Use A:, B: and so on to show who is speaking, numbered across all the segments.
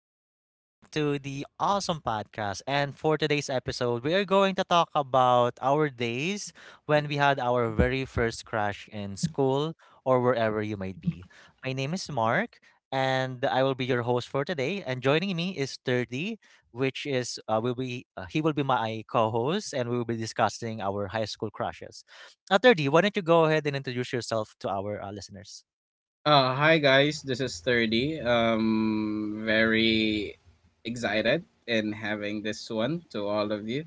A: welcome back to the awesome podcast. And for today's episode, we are going to talk about our days when we had our very first crush in school or wherever you might be. My name is Mark, and I will be your host for today. And joining me is 30, which is will be he will be my co-host, and we will be discussing our high school crushes. 30, why don't you go ahead and introduce yourself to our listeners?
B: Hi guys, this is Sturdy. Very excited in having this one to all of you,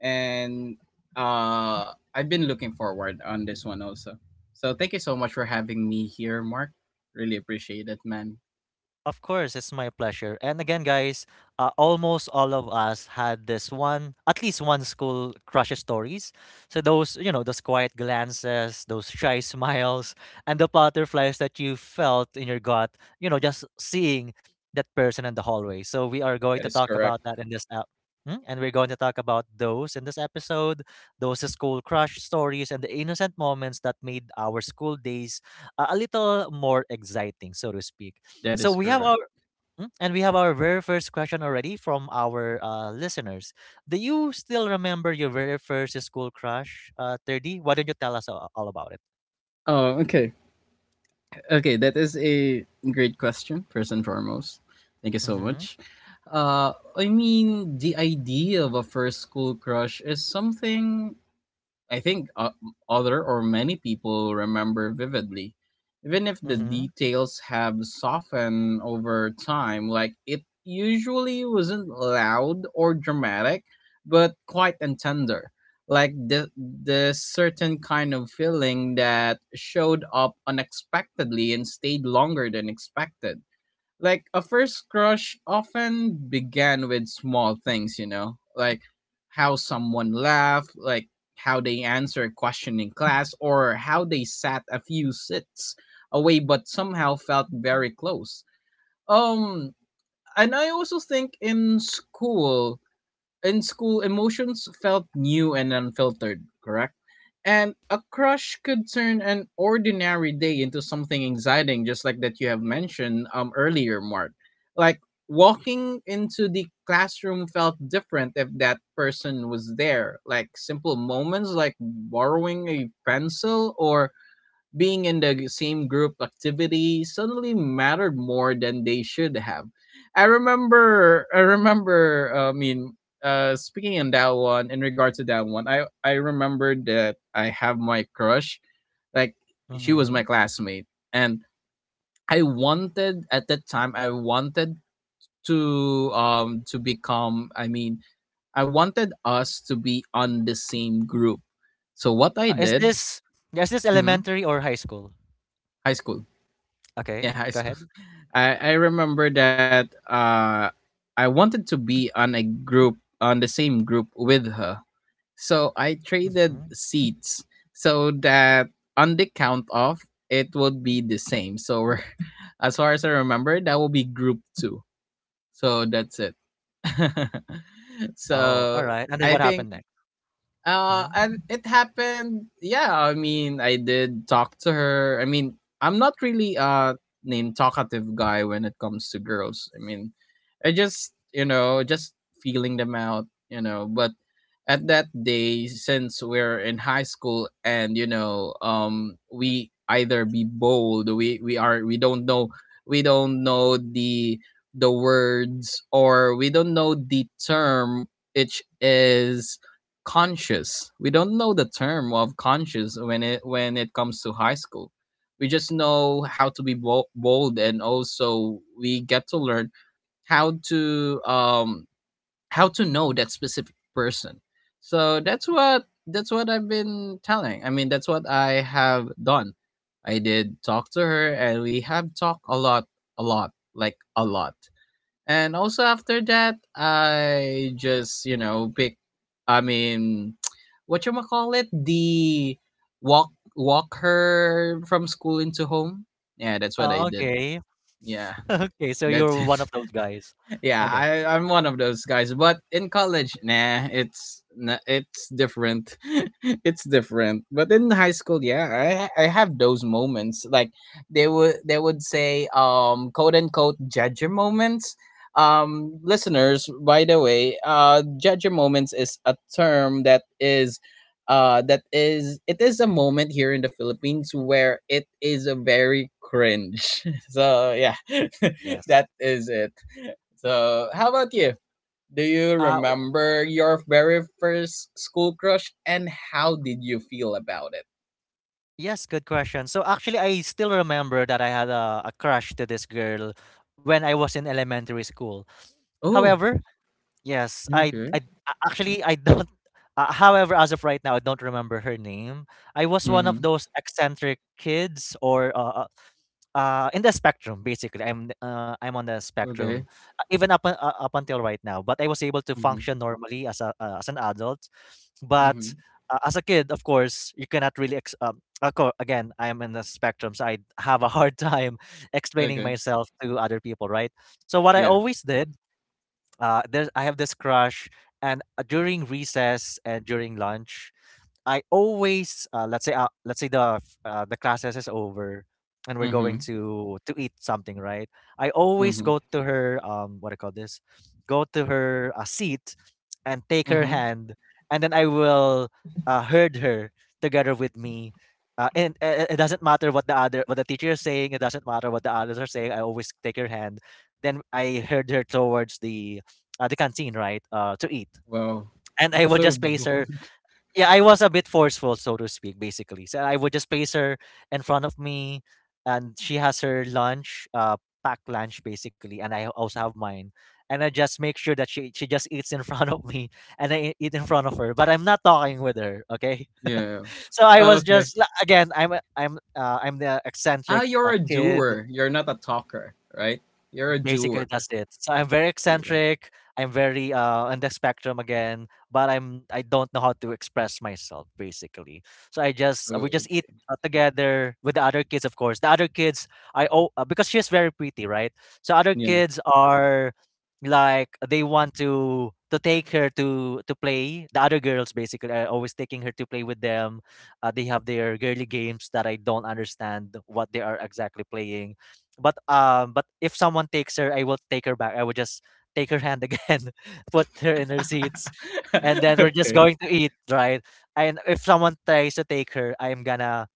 B: and I've been looking forward on this one also. So thank you so much for having me here, Mark. Really appreciate it, man.
A: Of course, it's my pleasure. And again, guys, almost all of us had this one, at least one school crush stories. So those, you know, those quiet glances, those shy smiles, and the butterflies that you felt in your gut, you know, just seeing that person in the hallway. So we are going
B: That
A: to
B: is
A: talk
B: correct.
A: about that in this app. And we're going to talk about those in this episode, those school crush stories and the innocent moments that made our school days a little more exciting, so to speak.
B: That
A: So
B: is
A: we have
B: correct.
A: our Mm, and we have our very first question already from our listeners. Do you still remember your very first school crush, 30? Why don't you tell us all about it?
B: Oh, okay, okay. That is a great question. First and foremost, thank you so
A: Mm-hmm.
B: much. I mean, the idea of a first school crush is something I think other or many people remember vividly, even if the
A: Mm-hmm.
B: details have softened over time. Like it usually wasn't loud or dramatic, but quite and tender. Like the certain kind of feeling that showed up unexpectedly and stayed longer than expected, like a first crush often began with small things, you know, like how someone laughed, like how they answer a question in class, or how they sat a few sits away but somehow felt very close. Um, and I also think in school, emotions felt new and unfiltered, correct? And a crush could turn an ordinary day into something exciting, just like that you have mentioned earlier, Mark. Like walking into the classroom felt different if that person was there. Like simple moments like borrowing a pencil or being in the same group activity suddenly mattered more than they should have. I remember, I remember, I mean, Speaking on that one, in regard to that one, I remembered that I have my crush, like, she was my
A: Mm-hmm.
B: classmate. And I wanted, at that time, I wanted to become, I mean, I wanted us to be on the same group. So what I
A: Uh, is
B: did,
A: this is this
B: mhm,
A: elementary or high school?
B: high school.
A: Okay,
B: Yeah, high
A: go
B: school.
A: ahead.
B: I remember that I wanted to be on a group, on the same group with her. So I traded
A: Mm-hmm.
B: seats so that on the count off it would be the same. So we're, as far as I remember, that will be group two. So that's it.
A: Oh, all
B: So
A: right. And then
B: I
A: what
B: think
A: happened next? Mm-hmm.
B: and it happened, yeah, I mean I did talk to her, I mean I'm not really a name talkative guy when it comes to girls, I mean I just, you know, just feeling them out, you know, but at that day since we're in high school and you know we either be bold, we are, we don't know, we don't know the words, or we don't know the term which is conscious. We don't know the term of conscious when it comes to high school. We just know how to be bold, and also we get to learn how to um how to know that specific person. So that's what, that's what I've been telling. I mean, that's what I have done. I did talk to her, and we have talked a lot, like a lot. And also after that, I just, you know, I mean, what you call it? The walk her from school into home. Yeah, that's what I
A: Oh,
B: did.
A: okay.
B: Yeah,
A: Okay, so you're
B: that's it.
A: one of those guys.
B: Yeah,
A: Okay.
B: I'm one of those guys. But in college, nah, it's different. It's different. But in high school, yeah, I have those moments. Like they would say quote unquote judge your moments.
A: Mm-hmm.
B: Listeners, by the way, judge your moments is a term that is. That is, it is a moment here in the Philippines where it is a very cringe. So yeah,
A: Yes.
B: that is it. So, how about you? Do you
A: Uh,
B: remember your very first school crush and how did you feel about it?
A: Yes, good question. So actually, I still remember that I had a crush to this girl when I was in elementary school.
B: Oh,
A: However, yes,
B: okay.
A: I actually I don't. However, as of right now, I don't remember her name. I was one of
B: Mm-hmm.
A: those eccentric kids, or in the spectrum. Basically, I'm on the
B: Okay.
A: spectrum, even up until right now. But I was able to
B: Mm-hmm.
A: function normally as a as an adult
B: Mm-hmm.
A: but as a kid, of course, you cannot really. Again, I am in the spectrum, so I have a hard time explaining
B: Okay.
A: myself to other people, right? So what I
B: Yeah.
A: always did, there I have this crush, and during recess and during lunch, I always let's say the classes is over and we're going
B: Mm-hmm.
A: to eat something, right? I always
B: Mm-hmm.
A: go to her what do you call this? Go to her seat and take her
B: Mm-hmm.
A: hand and then I will herd her together with me. And It doesn't matter what the teacher is saying. It doesn't matter what the others are saying. I always take her hand. Then I herd her towards the canteen, right, to eat.
B: Wow.
A: And I
B: It's
A: will
B: so
A: just place her
B: bold.
A: yeah, I was a bit forceful, so to speak, basically. So I would just place her in front of me, and she has her lunch, packed lunch, basically, and I also have mine. And I just make sure that she just eats in front of me, and I eat in front of her. But I'm not talking with her, okay?
B: Yeah.
A: So I
B: Oh,
A: was
B: okay.
A: just like, again, I'm a- I'm I'm the
B: Ah,
A: eccentric
B: you're a
A: kid.
B: doer. You're not a talker, right? You're a
A: Basically,
B: doer.
A: that's it. So I'm very
B: Yeah.
A: eccentric. I'm very on the spectrum again, but I don't know how to express myself basically. So I just we
B: Oh,
A: just eat
B: okay.
A: together with the other kids, of course. The other kids I oh Because she's very pretty, right? So other
B: Yeah.
A: kids are like they want to take her to play. The other girls basically are always taking her to play with them. They have their girly games that I don't understand what they are exactly playing but if someone takes her, I will take her back. I will just take her hand again put her in her seats and then we're just
B: Okay.
A: going to eat, right? And if someone tries to take her, i am gonna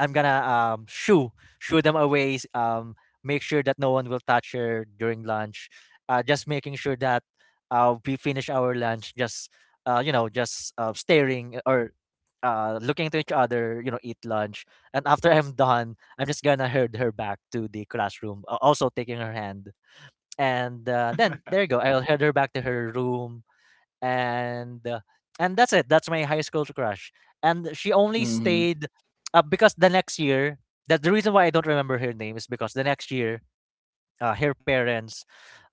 A: I'm gonna um shoo them away. Make sure that no one will touch her during lunch. Just making sure that we finish our lunch. Just staring or looking to each other. You know, eat lunch, and after I'm done, I'm just gonna herd her back to the classroom. Uh, also taking her hand, and then there you go. I'll head her back to her room and uh, and that's it. That's my high school crush. And she only
B: Mm-hmm.
A: stayed because the next year. That the reason why I don't remember her name is because the next year, her parents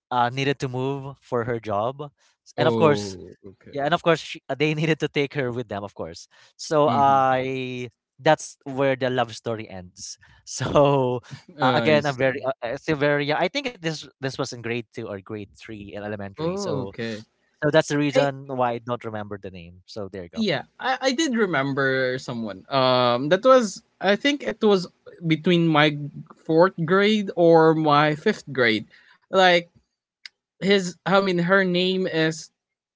A: needed to move for her job, and of course,
B: Oh, okay.
A: yeah, and of course, they needed to take her with them, of course. So
B: Mm-hmm.
A: I that's where the love story ends. So
B: Ah, I
A: again, I'm very
B: see.
A: still very young. I think this was in grade two or grade three in elementary.
B: Oh,
A: So
B: okay.
A: so that's the
B: I
A: reason why I don't remember the name. So there you go.
B: Yeah, I did remember someone. That was, I think it was between my fourth grade or my fifth grade. Like her name is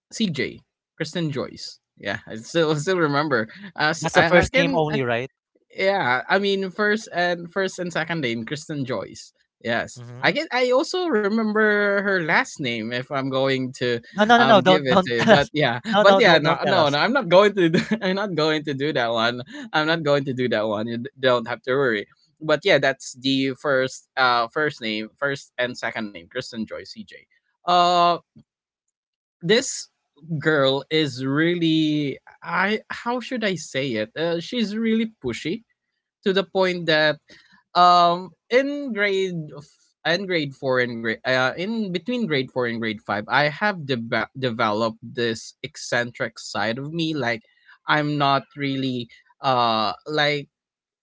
B: CJ, Kristen Joyce. Yeah, I still still remember.
A: That's a
B: I
A: first name
B: can,
A: only, right?
B: yeah, I mean first and second name Kristen Joyce. Yes.
A: Mm-hmm.
B: I also remember her last name if I'm going to
A: No, no, no, no.
B: give
A: Don't
B: it to you.
A: tell us. No,
B: But
A: no,
B: yeah,
A: don't
B: no,
A: tell
B: no,
A: us.
B: no, I'm not going to I'm not going to do that one. I'm not going to do that one. You don't have to worry. But yeah, that's the first first name, first and second name, Kristen Joyce CJ. Uh this girl is really, I, how should I say it? She's really pushy, to the point that in grade in grade 4 and grade in between grade 4 and grade 5 I have deba developed this eccentric side of me, like I'm not really uh like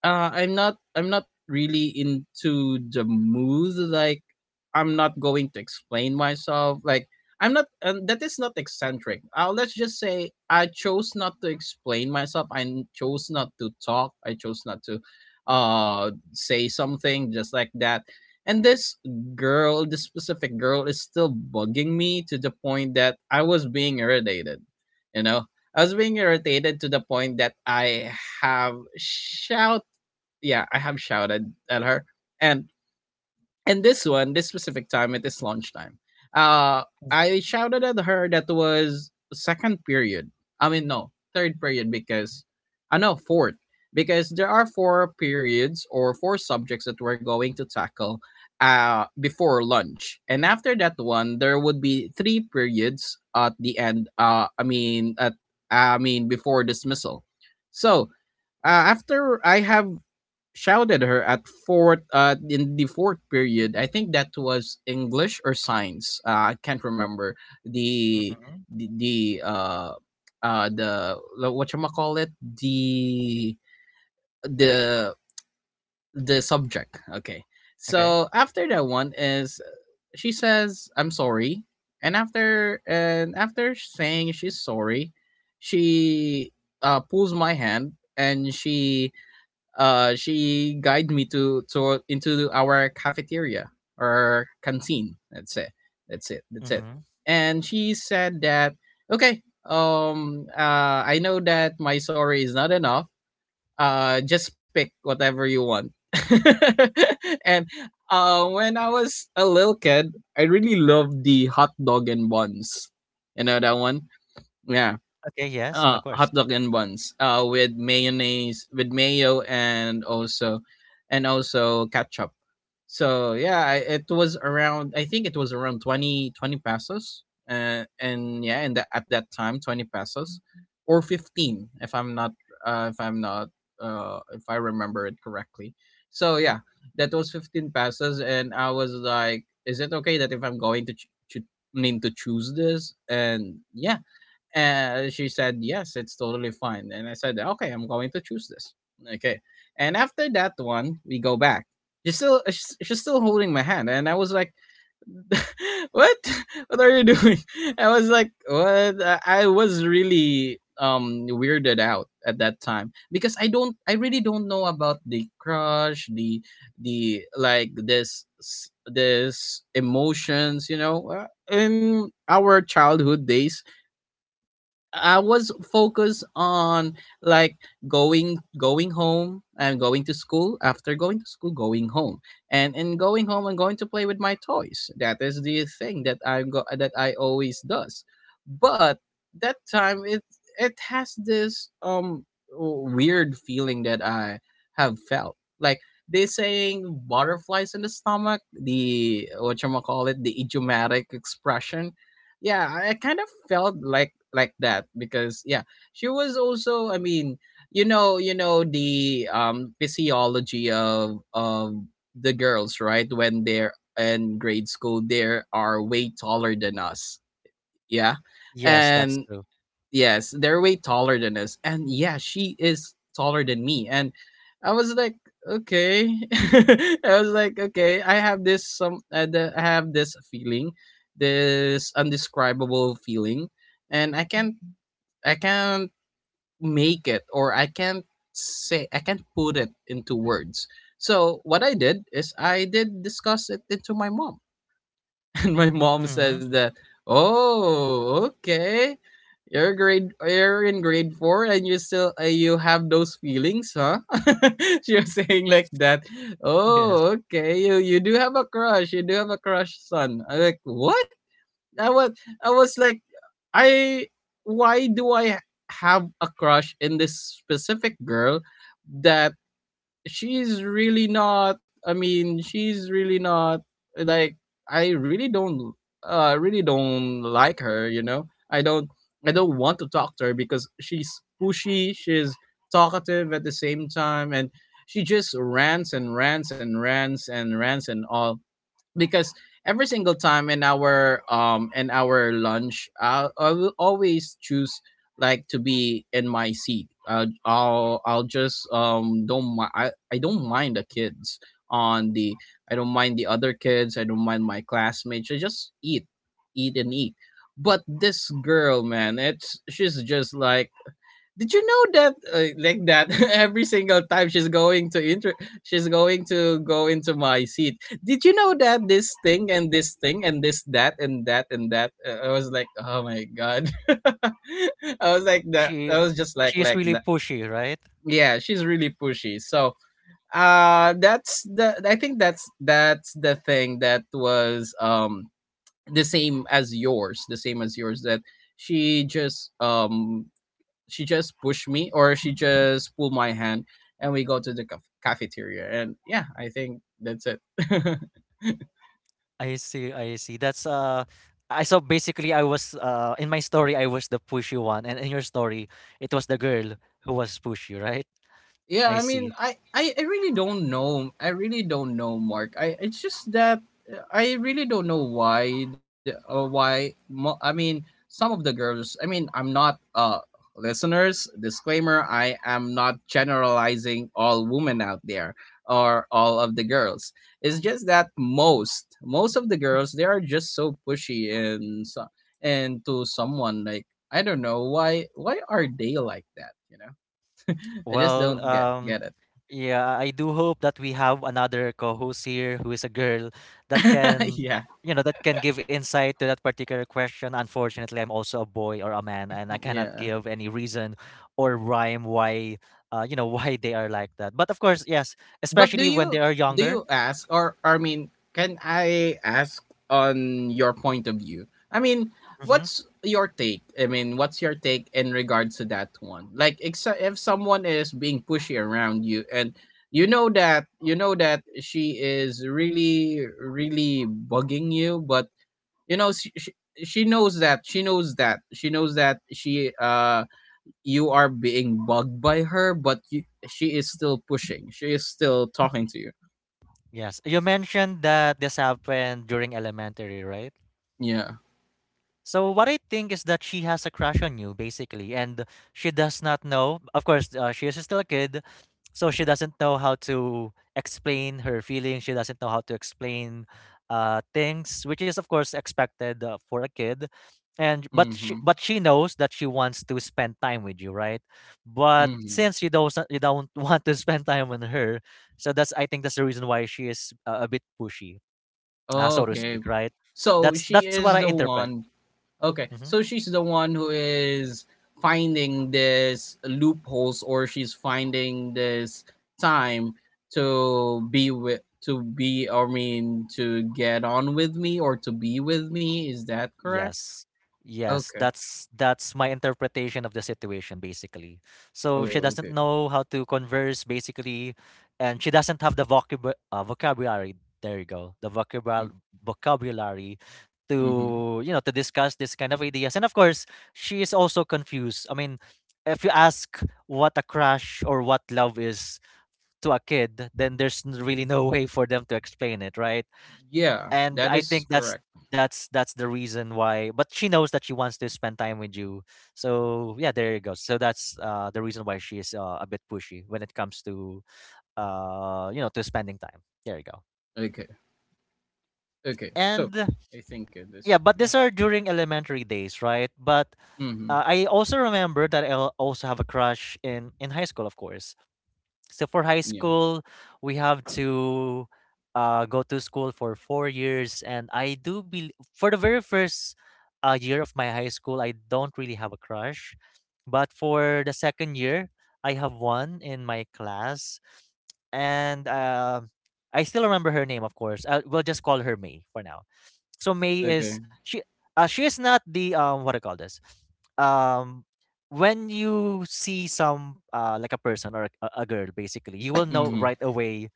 B: I'm not, I'm not really into the mood, like I'm not going to explain myself, like I'm not, and that is not eccentric, let's just say I chose not to explain myself, I chose not to talk, I chose not to say something just like that. And this specific girl is still bugging me to the point that I was being irritated, you know, I was being irritated to the point that have shouted yeah, I have shouted at her. And in this one, this specific time, it is lunchtime. Uh, I shouted at her, that was second period. I mean, no, third period, because I know fourth, because there are four periods or four subjects that we're going to tackle before lunch, and after that one, there would be three periods at the end. I mean before dismissal. So uh, after I have shouted her at fourth in the fourth period. I think that was English or science. I can't remember the
A: Mm-hmm.
B: the, the uh the what you call it the the subject. Okay,
A: Okay.
B: so after that one, is she says I'm sorry, and after saying she's sorry, she pulls my hand, and she guided me to into our cafeteria or canteen. That's it. That's it. That's it.
A: Mm-hmm.
B: And she said that, okay, I know that my sorry is not enough. Just pick whatever you want. And when I was a little kid, I really loved the hot dog and buns. You know that one? Yeah,
A: Okay. Yes, of course.
B: hot dog and buns with mayonnaise, with mayo, and also ketchup. So yeah, it was around, I think it was around 20 20 pesos, and yeah and the, at that time 20 pesos or 15 if I'm not, uh, if i'm not if I remember it correctly. So yeah, that was 15 pesos, and I was like, is it okay that if I'm going to, need to choose this? And yeah, and she said, "Yes, it's totally fine." And I said, "Okay, I'm going to choose this." Okay. And after that one, we go back. She's still holding my hand, and I was like, "What? What are you doing?" I was like, "What?" I was really weirded out at that time because I really don't know about the crush, the, like, this emotions, you know. In our childhood days, I was focused on, like, going home and going to school, after going to school going home, and going home and going to play with my toys. That is the thing that I always does. But that time it, it has this weird feeling that I have felt, like they saying butterflies in the stomach, the what you call it, the idiomatic expression. Yeah, I kind of felt like that, because yeah she was also, I mean, you know, you know the physiology of the girls, right? When they're in grade school they are way taller than us. Yeah.
A: Yes, that's
B: And
A: true.
B: yes, they're way taller than us. And yeah, she is taller than me. And I was like, okay. I was like, okay, I have this some, I have this feeling, this undescribable feeling, and I can't, make it or I can't say I can't put it into words. So what I did is I did discuss it into my mom. And my mom
A: Mm-hmm.
B: says that, "Oh, okay. You're in grade four and you still you have those feelings, huh? You're saying like that.
A: Yes,
B: Oh, okay. You do have a crush. You do have a crush, son." I like what? I was I was like, I why do I have a crush in this specific girl that she's really not, I mean she's really not, like I really don't, I really don't like her. I don't I don't want to talk to her because she's pushy, she's talkative at the same time, and she just rants and rants and rants and rants and all, because every single time in our in our lunch I will always choose like to be in my seat. I'll just don't I don't mind the kids on the I don't mind the other kids, I don't mind my classmates, I just eat, eat and eat. But this girl, man, it's she's just like, did you know that, like that every single time she's going to she's going to go into my seat. Did you know that this thing and this thing and this that and that and that? I was like, "Oh my god." I was like that I
A: she
B: was just
A: she is
B: like
A: really
B: that.
A: pushy, right?
B: Yeah, she's really pushy. So, that's the, I think that's the thing that was, the same as yours, the same as yours, that she just, she just pushed me, or she just pulled my hand, and we go to the cafeteria. And yeah, I think that's it.
A: I see. I see. That's. I So basically, I was in my story I was the pushy one, and in your story it was the girl who was pushy, right?
B: Yeah, I
A: I
B: mean,
A: see.
B: I really don't know. I really don't know, Mark. I It's just that, I really don't know why I mean, some of the girls, I mean, I'm not, listeners, disclaimer, I am not generalizing all women out there or all of the girls. It's just that most of the girls, they are just so pushy and so, and to someone like, I don't know why, are they like that, you know? I just
A: Well,
B: don't get it.
A: yeah, I do hope that we have another co-host here who is a girl that can,
B: Yeah,
A: you know, that can give insight to that particular question. Unfortunately, I'm also a boy or a man, and I cannot
B: yeah.
A: give any reason or rhyme why, you know, why they are like that. But of course, yes,
B: But
A: especially when they are
B: do you
A: younger.
B: ask, or I mean, can I ask on your point of view? I mean,
A: Hmm.
B: what's your take? I mean, what's your take in regards to that one? Like, if someone is being pushy around you, and you know that, she is really, really bugging you, but you know she knows that, she knows that she you are being bugged by her. But she is still pushing. She is still talking to you.
A: Yes, you mentioned that this happened during elementary, right?
B: Yeah.
A: So what I think is that she has a crush on you, basically, and she does not know. Of course, she is still a kid, so she doesn't know how to explain her feelings. She doesn't know how to explain things, which is of course expected for a kid. And
B: Mhm.
A: but she knows that she wants to spend time with you, right? But
B: Mhm.
A: since you don't want to spend time with her, so that's I think that's the reason why she is a bit pushy, so to
B: Okay.
A: speak, right?
B: So she
A: That's what I
B: is the
A: interpret.
B: one. Okay.
A: Mm-hmm.
B: So she's the one who is finding this loopholes, or she's finding this time to be with, to be, I mean, to get on with me, or to be with me. Is that correct?
A: Yes. Yes,
B: Okay.
A: that's my interpretation of the situation basically. So she
B: Oh,
A: doesn't
B: okay.
A: know how to converse basically and she doesn't have the vocabulary. There you go. The vocabulary
B: Mm-hmm.
A: to, you know, to discuss this kind of ideas. And of course, she is also confused. I mean, if you ask what a crush or what love is to a kid, then there's really no way for them to explain it, right?
B: Yeah,
A: And
B: that
A: I
B: is
A: think that's
B: correct.
A: that's the reason why but she knows that she wants to spend time with you. So yeah, there you go. So that's the reason why she is a bit pushy when it comes to you know to spending time. There you go.
B: Okay, okay. So
A: And
B: I think it is.
A: yeah, but
B: Yeah.
A: these are during elementary days, right? But
B: Mhm.
A: I also remember that also have a crush in high school, of course. So for high
B: Yeah.
A: school, we have to go to school for four years, and I do believe for the very first year of my high school, I don't really have a crush, but for the second year, I have one in my class, and I still remember her name, of course. We'll just call her May for now. so May
B: Okay.
A: is she uh, she is not the what I call this, um when you see some like a person or a girl, basically you will know
B: Mhm.
A: right away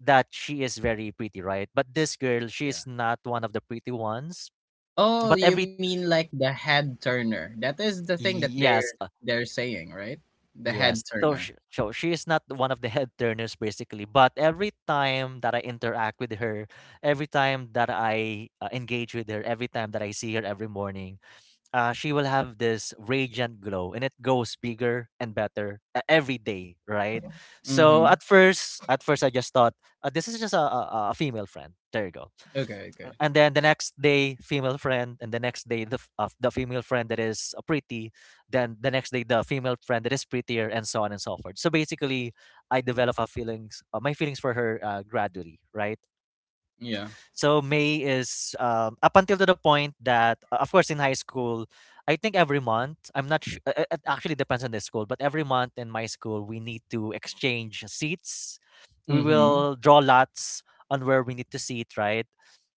A: that she is very pretty, right? But this girl, she
B: Yeah.
A: is not one of the pretty ones.
B: Oh,
A: But
B: you
A: every
B: mean like the head turner? That is the thing that
A: yes
B: they're saying, right? The head
A: Yes, so she,
B: turner.
A: so she is not one of the head turners basically, but every time that I interact with her, every time that I engage with her, every time that I see her every morning, she will have this radiant glow, and it goes bigger and better every day, right? So
B: Mhm.
A: at first I just thought, this is just a female friend, there you go.
B: Okay. Okay.
A: And then the next day, female friend, and the next day the, the female friend that is pretty, then the next day the female friend that is prettier, and so on and so forth. So basically I develop a feelings, my feelings for her gradually, right?
B: Yeah.
A: So May is, up until to the point that, of course, in high school, I think every month, I'm not sure, it actually depends on the school, but every month in my school, we need to exchange seats. We
B: Mhm.
A: will draw lots on where we need to sit, right?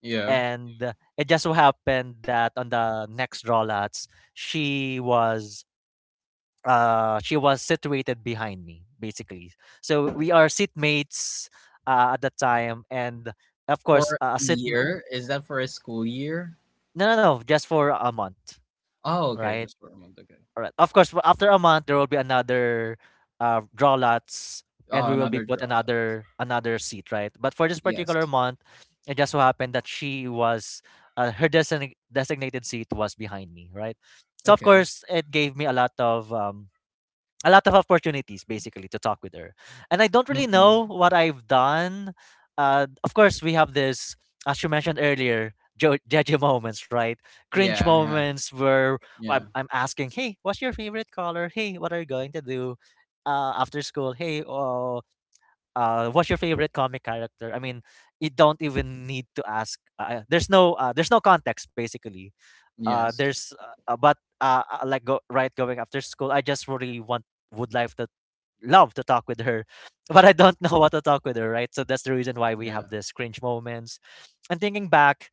B: Yeah.
A: And it just so happened that on the next draw lots, she was, she was situated behind me, basically. So we are seatmates at the time, and of course,
B: For
A: a
B: a
A: seat.
B: year? Is that for a school year?
A: No, no, no, just for a month,
B: Oh, okay.
A: right?
B: Just for a month. Okay.
A: All right. Of course, after a month there will be another draw lots, and we
B: Oh,
A: will be
B: another
A: put
B: drawback.
A: another seat, right? But for this
B: Yes.
A: particular month, it just so happened that she was, her designated seat was behind me, right? So of
B: Okay.
A: course, it gave me a lot of opportunities basically to talk with her. And I don't really
B: Mhm.
A: know what I've done. Of course, we have this, as you mentioned earlier, judgy moments, right? Cringe
B: Yeah. Yeah.
A: moments where I'm,
B: Yeah.
A: I'm asking, hey, what's your favorite color? Hey, what are you going to do after school? Hey, oh, what's your favorite comic character? I mean, you don't even need to ask. There's no, there's no context, basically.
B: Yes.
A: There's but Like go right going after school, I just really want, would like, love to talk with her, but I don't know what to talk with her, right? So that's the reason why we
B: Yeah.
A: have these cringe moments. And thinking back,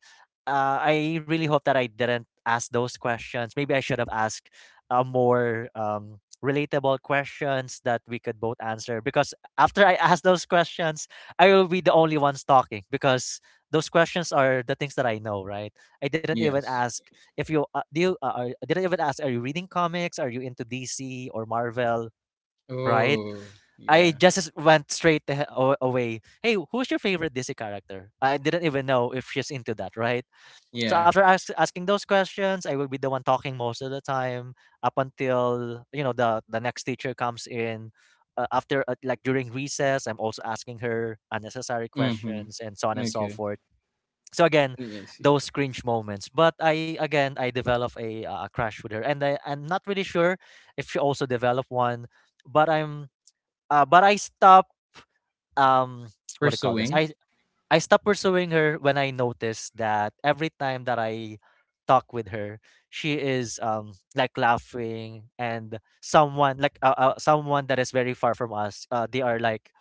A: I really hope that I didn't ask those questions. Maybe I should have asked more, relatable questions that we could both answer. Because after I ask those questions, I will be the only ones talking, because those questions are the things that I know, right? I didn't even
B: Yes.
A: ask if you do. I didn't even ask, are you reading comics? Are you into DC or Marvel? Right?
B: Oh,
A: I
B: yeah.
A: just went straight away. Hey, who's your favorite DC character? I didn't even know if she's into that, right? So
B: Yeah.
A: after asking those questions, I will be the one talking most of the time, up until you know the next teacher comes in. After like during recess, I'm also asking her unnecessary
B: Mhm.
A: questions and so on and so
B: Okay.
A: forth. So again,
B: Yeah, I see.
A: those cringe moments. But I again I develop a, a crush with her, and I'm not really sure if she also developed one. But I'm, but I stop, um what do you call this?
B: Pursuing?
A: I stopped pursuing her when I noticed that every time that I talk with her, she is like laughing, and someone like, someone that is very far from us. They are like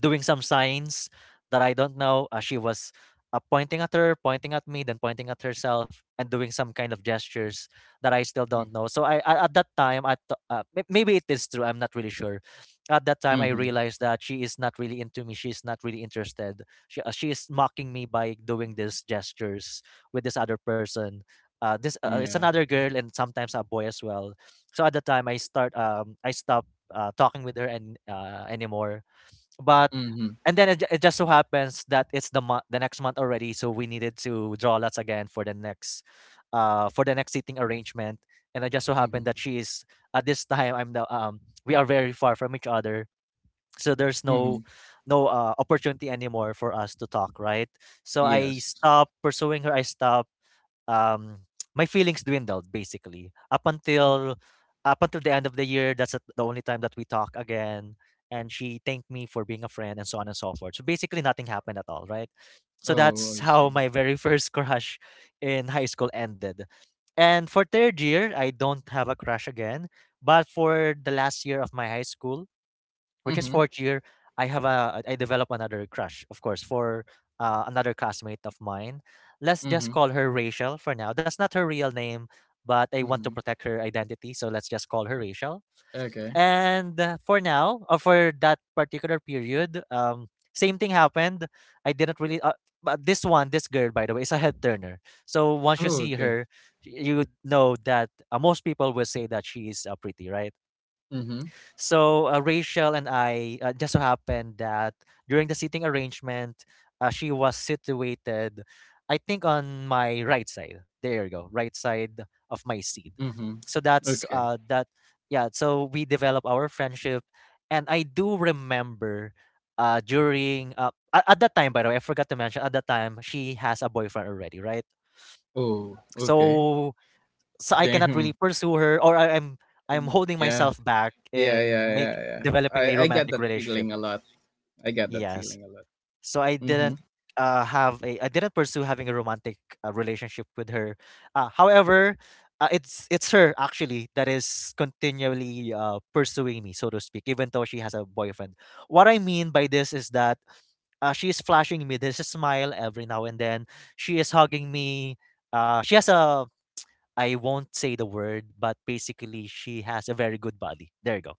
A: doing some signs that I don't know. She was pointing at her, pointing at me, then pointing at herself, and doing some kind of gestures that I still
B: Mm,
A: don't know. So I at that time, maybe it is true. I'm not really sure. At that time, I
B: mhm.
A: realized that she is not really into me. She is not really interested. She is mocking me by doing these gestures with this other person. This It's
B: Yeah.
A: another girl and sometimes a boy as well. So at the time, I start, I stopped talking with her and anymore, but.
B: Mhm.
A: And then it just so happens that it's the next month already, so we needed to draw lots again for the next, for the next seating arrangement. And it just so
B: Mhm.
A: happened that she is, at this time, I'm the we are very far from each other, so there's no,
B: Mhm.
A: no opportunity anymore for us to talk, right? So I
B: Yes.
A: stopped pursuing her, I stopped, um, my feelings dwindled basically up until, the end of the year. That's the only time that we talk again. And she thanked me for being a friend and so on and so forth. So basically, nothing happened at all, right? So
B: Oh,
A: that's
B: I
A: how my
B: see.
A: very first crush in high school ended. And for third year, I don't have a crush again. But for the last year of my high school, which is
B: Mhm.
A: fourth year, I have a I develop another crush, of course, for another classmate of mine. Let's just
B: Mhm.
A: call her Rachel for now. That's not her real name, but I want to
B: Mhm.
A: protect her identity, so let's just call her Rachel.
B: Okay.
A: And for now, or for that particular period, same thing happened. I didn't really. But this one, this girl, by the way, is a head turner. So once you
B: Oh,
A: see
B: okay.
A: her, you would know that most people will say that she is pretty, right?
B: Mhm.
A: So Rachel and I just so happened that during the seating arrangement, she was situated, I think, on my right side. There you go, right side of my seat.
B: Mhm.
A: So that's
B: Okay.
A: that. Yeah. So we develop our friendship, and I do remember at that time. By the way, I forgot to mention at that time she has a boyfriend already, right?
B: Oh, okay.
A: So so I cannot really
B: Damn.
A: pursue her, or I'm
B: And
A: holding
B: yeah.
A: myself back
B: Yeah, yeah,
A: in make
B: yeah, yeah. I
A: developing a
B: get
A: romantic
B: that
A: relationship.
B: feeling a lot. I get that
A: Yes.
B: feeling a lot.
A: So I didn't
B: Mhm.
A: have a I didn't pursue having a romantic relationship with her. However, it's her actually that is continually pursuing me, so to speak, even though she has a boyfriend. What I mean by this is that she is flashing me this smile every now and then. She is hugging me. She has a, I won't say the word, but basically she has a very good body. There you go.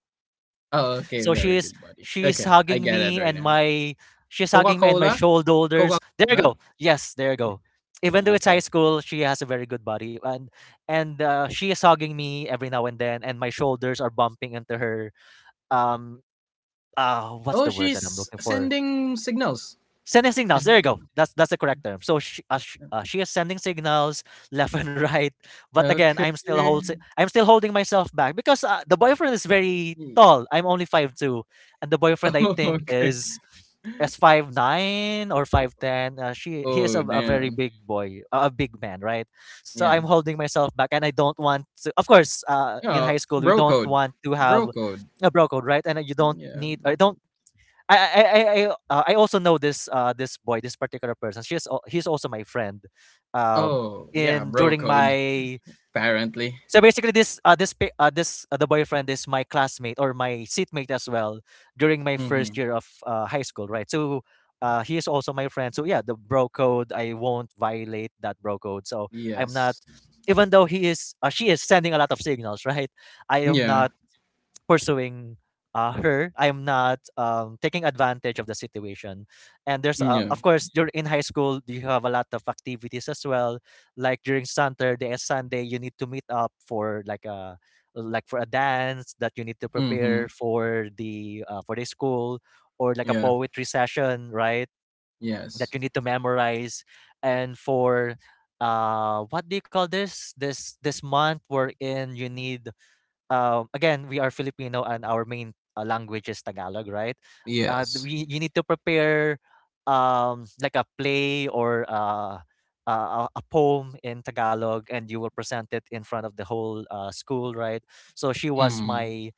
B: Oh, okay.
A: So she
B: Very
A: is,
B: good, buddy.
A: she's
B: Okay. I
A: hugging
B: get it
A: me
B: right
A: and
B: now.
A: my she's hugging me and my
B: Coca-Cola?
A: shoulders. There you
B: Coca-Cola?
A: go. Yes, there you go. Even though it's high
B: Okay.
A: school, she has a very good body, and she is hugging me every now and then, and my shoulders are bumping into her. Um,
B: Oh,
A: what's the word that I'm
B: she's
A: looking for?
B: sending signals.
A: Sending signals. There
B: Is
A: you go. That's the correct term. So she, sh she is sending signals left and right. But again,
B: Okay.
A: I'm still holding myself back because the boyfriend is very tall. I'm only 5'2", and the boyfriend I
B: Oh,
A: think
B: okay.
A: is 5'9" or 5'10. She He is
B: Oh,
A: a very
B: damn.
A: big boy, a big man, right? So I'm
B: Yeah.
A: holding myself back and I don't want to. Of course, uh, in
B: Yeah.
A: high school we
B: Bro
A: don't
B: code.
A: want to
B: Bro
A: have
B: code.
A: a bro code, right? And you don't
B: Yeah.
A: need, I
B: Bro
A: don't
B: code.
A: I I I I also know this this boy, this particular person. He's also my friend. Um,
B: Oh, yeah.
A: in
B: Bro
A: during
B: code.
A: my
B: Apparently.
A: so basically this, the boyfriend is my classmate or my seatmate as well during my first
B: Mm-hmm.
A: year of high school, right? So. He is also my friend, so yeah, the bro code. I won't violate that bro code, so I'm not.
B: Yes.
A: Even though she is sending a lot of signals, right? I am
B: Yeah.
A: not pursuing her. I'm not taking advantage of the situation. And there's,
B: Yeah.
A: of course, you're in high school, you have a lot of activities as well. Like during Saturday and Sunday, you need to meet up for like a, like for a dance that you need to
B: Mm-hmm.
A: prepare for the school, or like a
B: Yeah.
A: poetry session, right? That
B: Yes.
A: you need to memorize, and for what do you call this? This month we're in. You need, again, we are Filipino and our main language is Tagalog, right? Th-
B: Yes.
A: we You need to prepare, like a play or, a poem in Tagalog, and you will present it in front of the whole school, right? So she was
B: Mm-hmm.
A: my,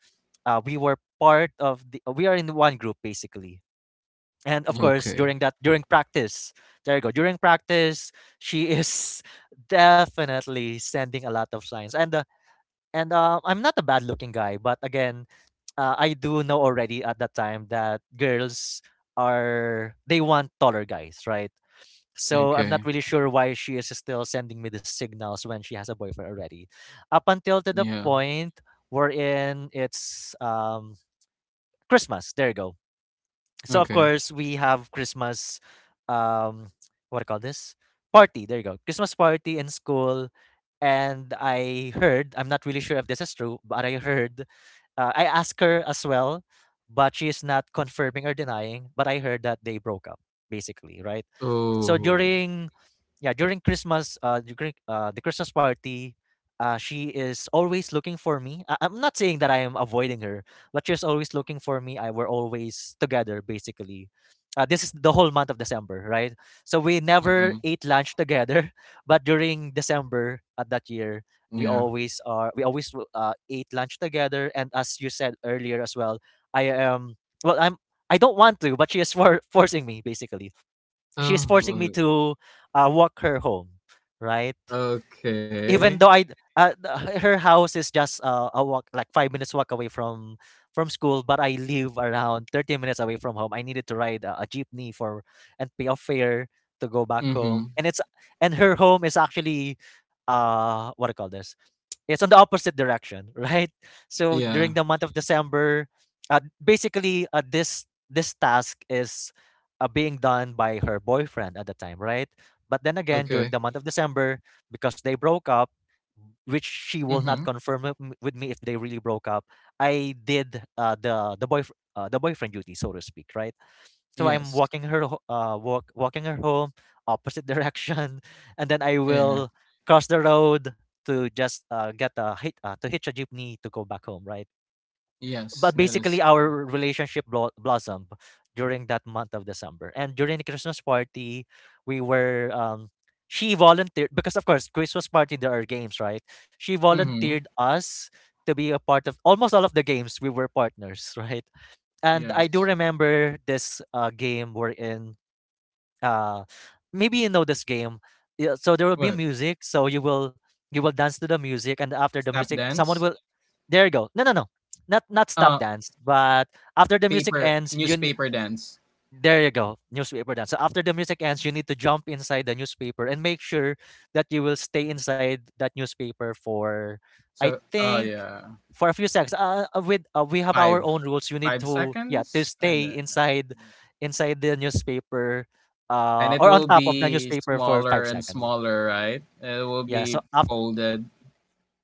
A: we were part of the we are in one group basically. And of course
B: Okay.
A: during that during practice there you go, during practice she is definitely sending a lot of signs, and I'm not a bad-looking guy, but again, I do know already at that time that girls are they want taller guys, right? So I'm not
B: Okay.
A: really sure why she is still sending me the signals when she has a boyfriend already. Up until to the
B: Yeah.
A: point wherein it's Christmas. There you go. So of
B: Okay.
A: course we have Christmas. Um, what do you call this? Party. There you go. Christmas party in school and I heard, I'm not really sure if this is true, but I heard I asked her as well, but she is not confirming or denying. But I heard that they broke up, basically, right? So
B: Oh.
A: during Christmas, during the Christmas party, she is always looking for me. I'm not saying that I am avoiding her, but she's always looking for me. I We're always together basically. This is the whole month of December, right? So we never
B: Mm-hmm.
A: ate lunch together, but during December at that year
B: Yeah.
A: we always ate lunch together, and as you said earlier as well, I am well I'm, I don't want to, but she is forcing me basically. She's forcing me
B: Oh.
A: to walk her home, right?
B: Okay.
A: Even though I, her house is just a walk, like 5 minutes walk away from school, but I live around 30 minutes away from home. I needed to ride a jeepney for and pay a fare to go back
B: Mm-hmm.
A: home, and it's and her home is actually what do you call this it's on the opposite direction, right? So
B: Yeah.
A: during the month of December, basically this task is being done by her boyfriend at the time, right? But then again, during the
B: Okay.
A: month of December, because they broke up, which she will
B: Mhm.
A: not confirm with me if they really broke up, I did the boyfriend duty, so to speak, right? So I'm
B: Yes.
A: walking her home, opposite direction, and then I
B: Yeah.
A: will cross the road to just get a hit to hitch a jeepney to go back home, right?
B: Yes,
A: But
B: that is
A: basically,
B: true.
A: our relationship blossomed during that month of December, and during the Christmas party, we were she volunteered because of course Christmas party there are games, right? She
B: Mhm.
A: volunteered us to be a part of almost all of the games. We were partners, right? And I do
B: Yes.
A: remember this game wherein uh maybe you know this game. Yeah, so there will be
B: What?
A: music, so you will dance to the music, and after the
B: Step
A: music someone
B: dance?
A: will there you go. No, no, no, not stop
B: Uh,
A: dance, but after the music
B: paper
A: ends you
B: newspaper dance.
A: there you go, newspaper dance. So after the music ends, you need to jump inside the newspaper and make sure that you will stay inside that newspaper for, I
B: So, oh
A: think,
B: yeah,
A: for a few seconds. With We have
B: five,
A: our own rules. You need
B: five
A: to, yeah, to
B: seconds. I don't
A: stay
B: know.
A: inside,
B: Yeah.
A: inside the newspaper,
B: And it
A: or on
B: will
A: top of the
B: be
A: newspaper for
B: smaller
A: five
B: and
A: seconds.
B: smaller, right? It will
A: Yeah. So
B: be folded.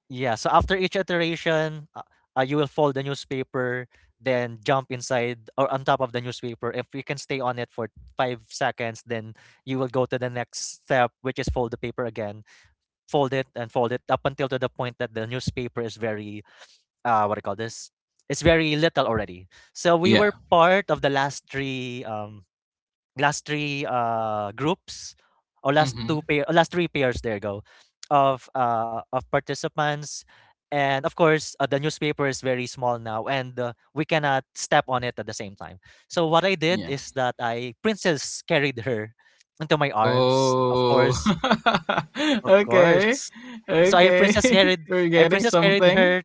A: yeah, so after each iteration, you will fold the newspaper, then jump inside or on top of the newspaper. If you can stay on it for 5 seconds, then you will go to the next step, which is fold the paper again. Fold it and fold it up until to the point that the newspaper is very, what do you call this? It's very little already. So we
B: Yeah.
A: were part of the last three. Last three groups or last two
B: Mhm.
A: pair or Last three pairs, there you go, of participants. And of course the newspaper is very small now, and we cannot step on it at the same time. So what I did
B: Yeah.
A: is that I princess carried her into my arms, of
B: Oh.
A: course. Of
B: Okay.
A: course. So
B: Okay. We're
A: I
B: getting
A: princess carried
B: something.
A: her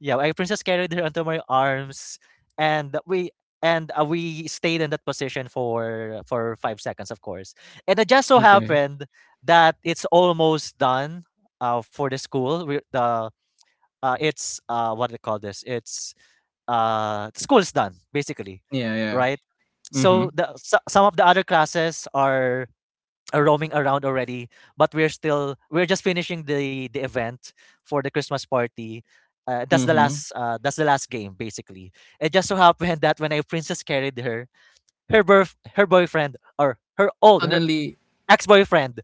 A: yeah, I princess carried her onto my arms, and we and we stayed in that position for 5 seconds, of course. And it just so
B: Okay.
A: happened that it's almost done for the school we, the it's what do they call this? It's the school is done basically,
B: Yeah, yeah.
A: right? So
B: Mhm,
A: the so, some of the other classes are roaming around already, but we're just finishing the event for the Christmas party.
B: mhm.
A: That's the last game basically. It just so happened that when a princess carried her, her birth her boyfriend or her old her
B: Suddenly,
A: ex-boyfriend,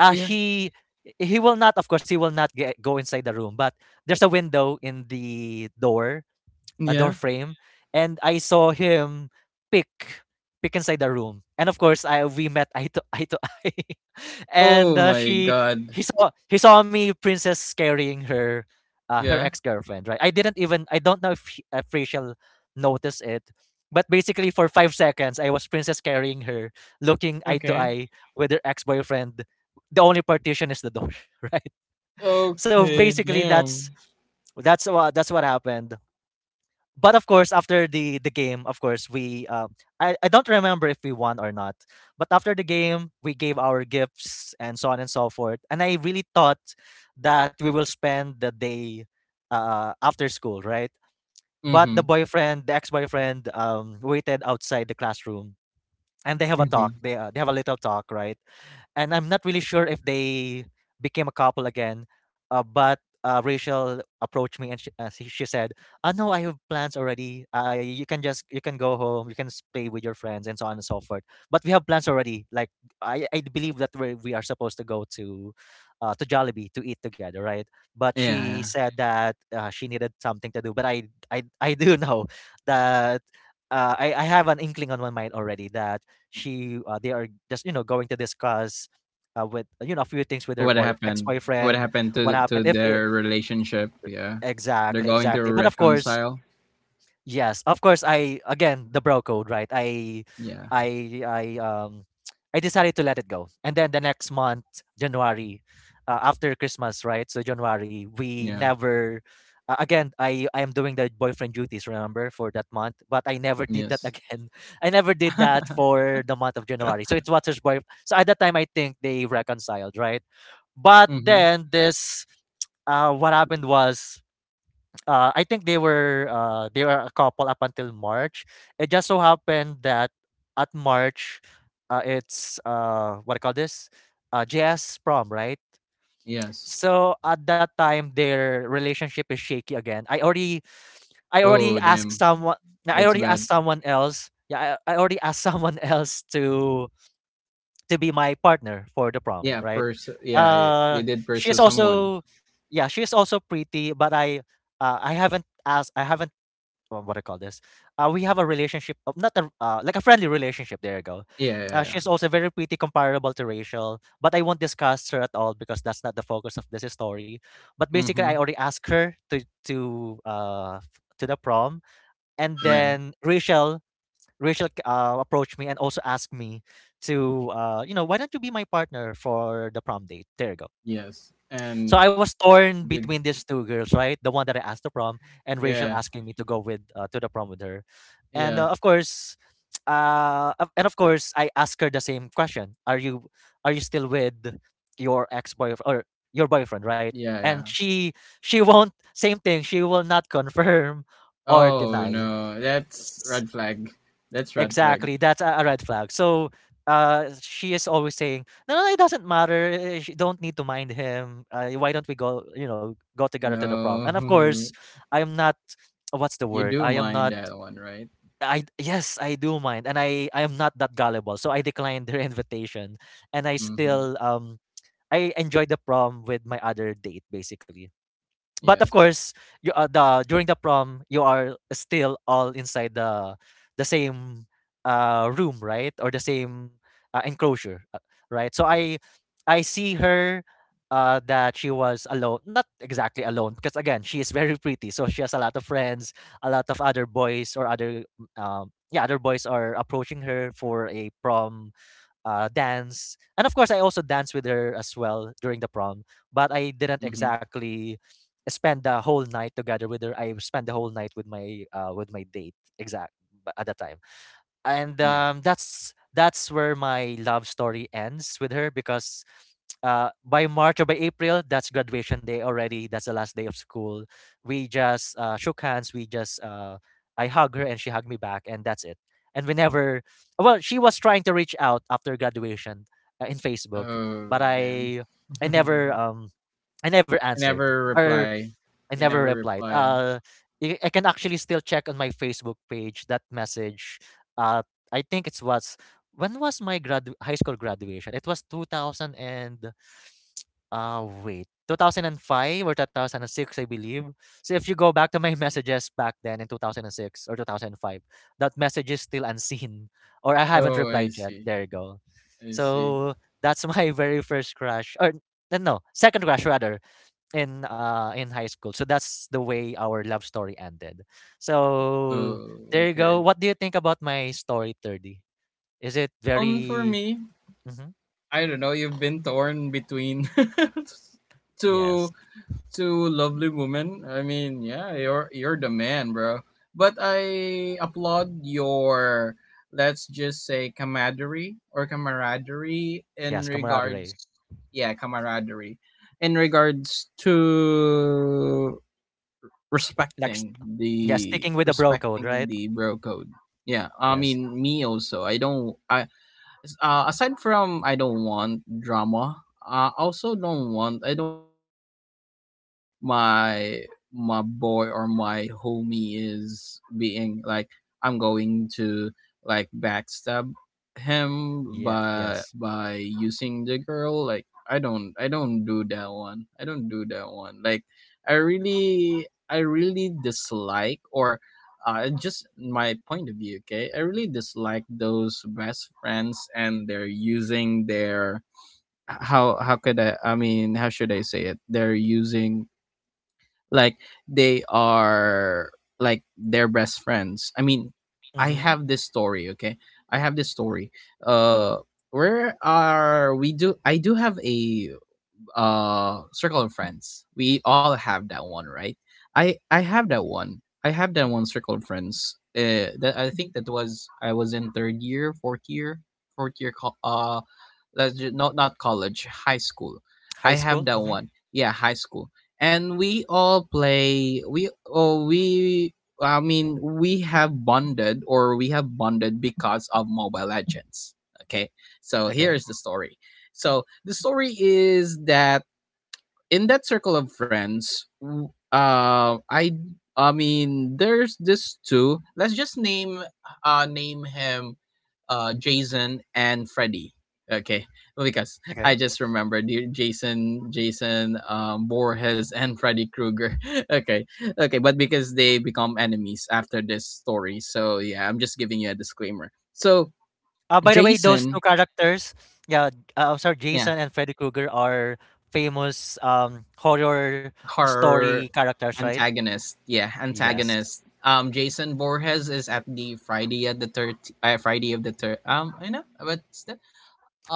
A: uh
B: yeah,
A: he he will not, of course he will not go inside the room, but there's a window in the door, a door
B: yeah.
A: frame. And I saw him pick pick inside the room, and of course I we met eye to eye to eye. And
B: Oh my
A: she
B: god.
A: he saw me princess carrying her, her
B: Yeah.
A: ex-girlfriend, right? I didn't even, I don't know if Rachel noticed it, but basically for 5 seconds I was princess carrying her, looking eye to
B: Okay.
A: eye with her ex-boyfriend. The only partition is the door, right? So
B: Okay,
A: basically
B: damn.
A: that's what happened. But of course, after the game, of course, we I don't remember if we won or not, but after the game we gave our gifts and so on and so forth. And I really thought that we will spend the day after school, right? But the
B: Mhm,
A: boyfriend, the ex-boyfriend, waited outside the classroom, and they have a talk.
B: mhm.
A: They have a little talk, right? And I'm not really sure if they became a couple again. But Rachel approached me, and she said, "Ah, no, I have plans already. You can just, you can go home, you can play with your friends and so on and so forth, but we have plans already." Like, I believe that we are supposed to go to Jollibee to eat together, right? But
B: Yeah,
A: she
B: yeah.
A: said that she needed something to do. But I do know that I have an inkling on my mind already that she they are just, you know, going to discuss with, you know, a few things with her
B: What
A: boy ex
B: happened? What
A: boyfriend.
B: happened
A: What
B: to
A: happened? If it,
B: their relationship? Yeah. They're
A: Exactly,
B: going to
A: exactly. But of course.
B: reconcile?
A: Yes, of course. I Again, the bro code, right?
B: Yeah.
A: I, I um, I decided to let it go, and then the next month, January, after Christmas, right? So January, we
B: Yeah.
A: never. Again, I am doing the boyfriend duties, remember, for that month, but I never did that
B: Yes.
A: again. I never did that for the month of January. So it's Watcher's boy. So at that time, I think they reconciled, right? But
B: Mhm.
A: then this, what happened was I think they were a couple up until March. It just so happened that at March, it's what I call this? JS prom, right?
B: Yes.
A: So at that time, their relationship is shaky again. I already
B: Oh,
A: asked
B: damn.
A: someone. I
B: That's
A: already
B: bad.
A: asked someone else. Yeah, I already asked someone else to be my partner for the prom,
B: Yeah,
A: right?
B: yeah,
A: Uh,
B: you did pursue
A: she's
B: someone.
A: also Yeah, she's also pretty, but I haven't asked. I haven't what I call this. We have a relationship, of, not a, like a friendly relationship. There you go.
B: Yeah, yeah,
A: She's also very pretty, comparable to Rachel, but I won't discuss her at all because that's not the focus of this story. But
B: yeah.
A: basically, I
B: Mhm.
A: already asked her to to to the prom, and
B: Yeah.
A: then Rachel. Rachel approached me and also asked me to, you know, why don't you be my partner for the prom date? There you go.
B: Yes. And
A: So I was torn
B: did?
A: between these two girls, right? The one that I asked to prom and Rachel
B: Yeah,
A: asking me to go with to the prom with her. And
B: yeah,
A: of course, of- and of course, I asked her the same question: Are you, are you still with your ex boyfriend or your boyfriend, right?
B: yeah,
A: And
B: yeah.
A: she won't, same thing. She will not confirm or
B: Oh
A: deny.
B: no, that's red flag. That's red flag.
A: Exactly. That's a red flag. So she is always saying, "No, no, no, it doesn't matter. You don't need to mind him. Why don't we go? You know, go together to the prom?" And
B: No,
A: of course, I am not. What's the
B: you
A: word?
B: do
A: I am
B: mind
A: not.
B: that one, right?
A: I Yes, I do mind, and I am not that gullible. So I declined her invitation, and I
B: Mm-hmm.
A: still I enjoyed the prom with my other date, basically. But of
B: Yes,
A: course, you the during the prom, you are still all inside the same room, right? Or the same enclosure, right. So
B: yes.
A: I see her, that she was alone. Not exactly alone, because again, she is very pretty, so she has a lot of friends, a lot of other boys or other boys are approaching her for a prom dance. And of course, I also danced with her as well during the prom, but I didn't
B: Mm-hmm.
A: exactly spend the whole night together with her. I spent the whole night with my with my date at the time. And
B: Yeah.
A: that's where my love story ends with her, because by March or by April, that's graduation day already. That's the last day of school. We just shook hands. We just I hug her and she hugged me back, and that's it. And we never. Well, she was trying to reach out after graduation in Facebook, but
B: Oh damn.
A: I never um I never
B: You
A: answered.
B: never
A: Or
B: reply.
A: I
B: You
A: never
B: never
A: replied.
B: reply.
A: I can actually still check on my Facebook page that message. Uh, I think it was, when was my grad high school graduation? It was 2000 and, wait, 2005 or 2006, I believe. So if you go back to my messages back then in 2006 or 2005, that message is still unseen or I haven't
B: Oh, I
A: replied yet.
B: see.
A: There you go.
B: I see.
A: So that's my very first crush, or no, second crush rather, in high school. So that's the way our love story ended. So
B: Oh,
A: there you go.
B: okay.
A: What do you think about my story, 30? Is it
B: For
A: very...
B: me,
A: Mhm.
B: I don't know. You've been torn between
A: Yes.
B: two to lovely woman. I mean, yeah, you're the man, bro. But I applaud your, let's just say, camaraderie or camaraderie in
A: Yes,
B: regards,
A: camaraderie.
B: yeah, camaraderie in regards to
A: Like yeah, sticking with the bro code,
B: respecting
A: right?
B: the bro code. Yeah, I
A: Yes.
B: mean, me also. I don't I Uh, aside from, I don't want drama. Uh, I also don't want, I don't want to feel like my my boy or my homie is being like, I'm going to like backstab him
A: Yeah,
B: by
A: yes.
B: using the girl. Like, I don't do that one, I don't do that one. Like, I really dislike, or just my point of view, okay, I really dislike those best friends, and they're using their, how, could I mean, how should I say it, they're using, like, they are, like, their best friends. I mean, I
A: Mhm.
B: have this story, okay, I have this story. uh where are we? Do have a circle of friends. We all have that one, right? I have that one. I have that one circle of friends. That I think that was, I was in third year, fourth year. Let's not, not college, high school.
A: High
B: I have
A: school?
B: that
A: Mhm.
B: one. Yeah, high school. And we all play. We oh we. I mean, we have bonded, or we have bonded because of Mobile Legends. Okay, so here
A: Okay.
B: is the story. So the story is that in that circle of friends, I mean, there's this two. Let's just name name him Jason and Freddy. Okay, because
A: Okay.
B: I just remembered the, Jason, Borges, and Freddy Krueger. Okay, okay, but because they become enemies after this story, so yeah, I'm just giving you a disclaimer. So
A: By the way, those two
B: Jason,
A: characters, yeah, sorry,
B: yeah,
A: Jason and Freddy Krueger are famous horror story
B: her
A: characters, right?
B: antagonist. Yeah,
A: Yes.
B: antagonist. Jason Voorhees is at the Friday at the third, Friday of the third. I know, but still,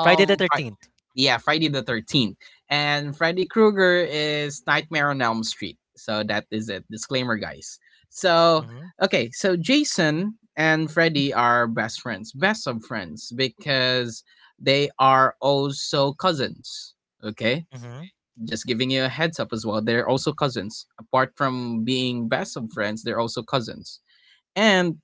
A: Friday the
B: Fri-
A: 13th.
B: yeah, Friday the 13th, and Freddy Krueger is Nightmare on Elm Street. So that is it. Disclaimer, guys. So
A: Mm-hmm.
B: okay, so Jason and Freddy are best friends, best of friends, because they are also cousins. Okay,
A: Mm-hmm.
B: just giving you a heads up as well, they're also cousins. Apart from being best of friends, they're also cousins. And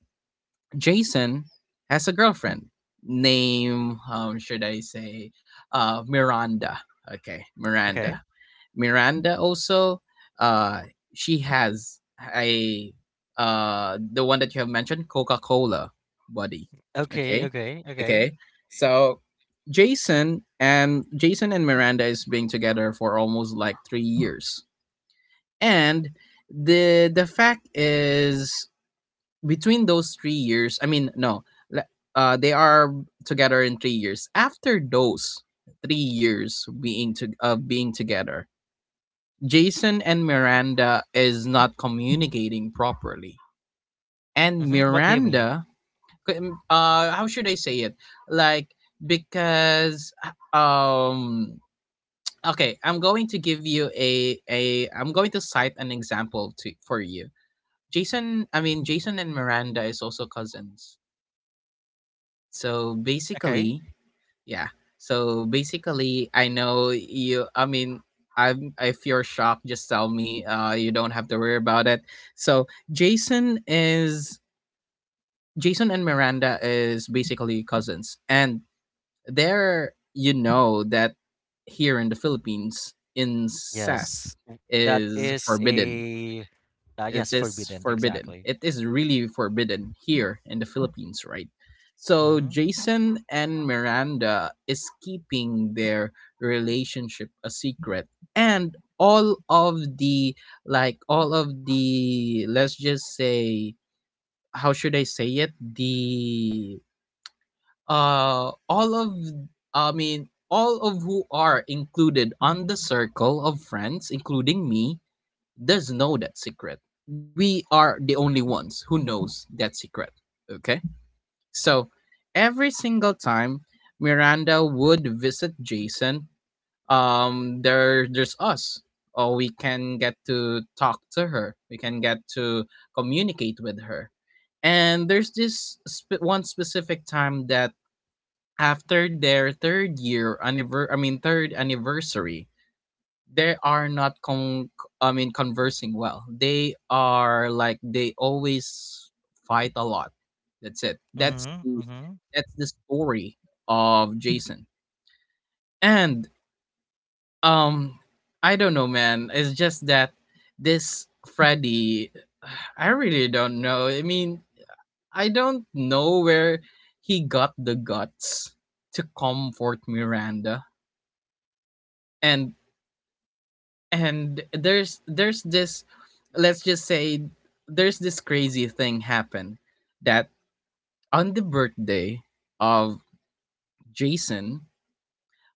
B: Jason has a girlfriend named, should I say, Miranda. Okay,
A: Okay.
B: Miranda. Miranda also, uh she has a, the one that you have mentioned, Coca-Cola body.
A: Okay.
B: Okay?
A: Okay. Okay.
B: Okay. So Jason and Miranda is being together for almost like 3 years. And the fact is, between those 3 years, I mean no, le- they are together in 3 years. After those 3 years being to, of being together, Jason and Miranda is not communicating properly. And
A: Mm-hmm. What do you mean?
B: Miranda,
A: Mhm.
B: how should I say it? Like, because, um, okay, I'm going to give you I'm going to cite an example for you. Jason and Miranda is also cousins. So
A: Okay.
B: basically, yeah. So basically, I know you. I mean, I'm. If you're shocked, just tell me. You don't have to worry about it. So Jason is Jason and Miranda is basically cousins, and they're, you know that here in the Philippines, incest
A: Yes. That
B: is
A: is
B: forbidden,
A: a,
B: it
A: yes,
B: is
A: forbidden.
B: forbidden.
A: Exactly.
B: It is really forbidden here in the Philippines, right? So
A: Mm-hmm.
B: Jason and Miranda is keeping their relationship a secret, and all of the, like all of the, let's just say, how should I say it, the, uh, all of, I mean, all of who are included on the circle of friends, including me, does know that secret. We are the only ones who knows that secret. Okay? So every single time Miranda would visit Jason, there, there's us. Or we can get to talk to her. We can get to communicate with her. And there's one specific time that, after their third anniversary, they are not con- I mean conversing well. They are like they always fight a lot. that's it that's
A: Mm-hmm. Mm-hmm.
B: that's the story of Jason. And um I don't know, man. It's just that this Freddy I really don't know. I mean, I don't know where he got the guts to comfort Miranda. And and there's this, let's just say, there's this crazy thing happen that on the birthday of Jason,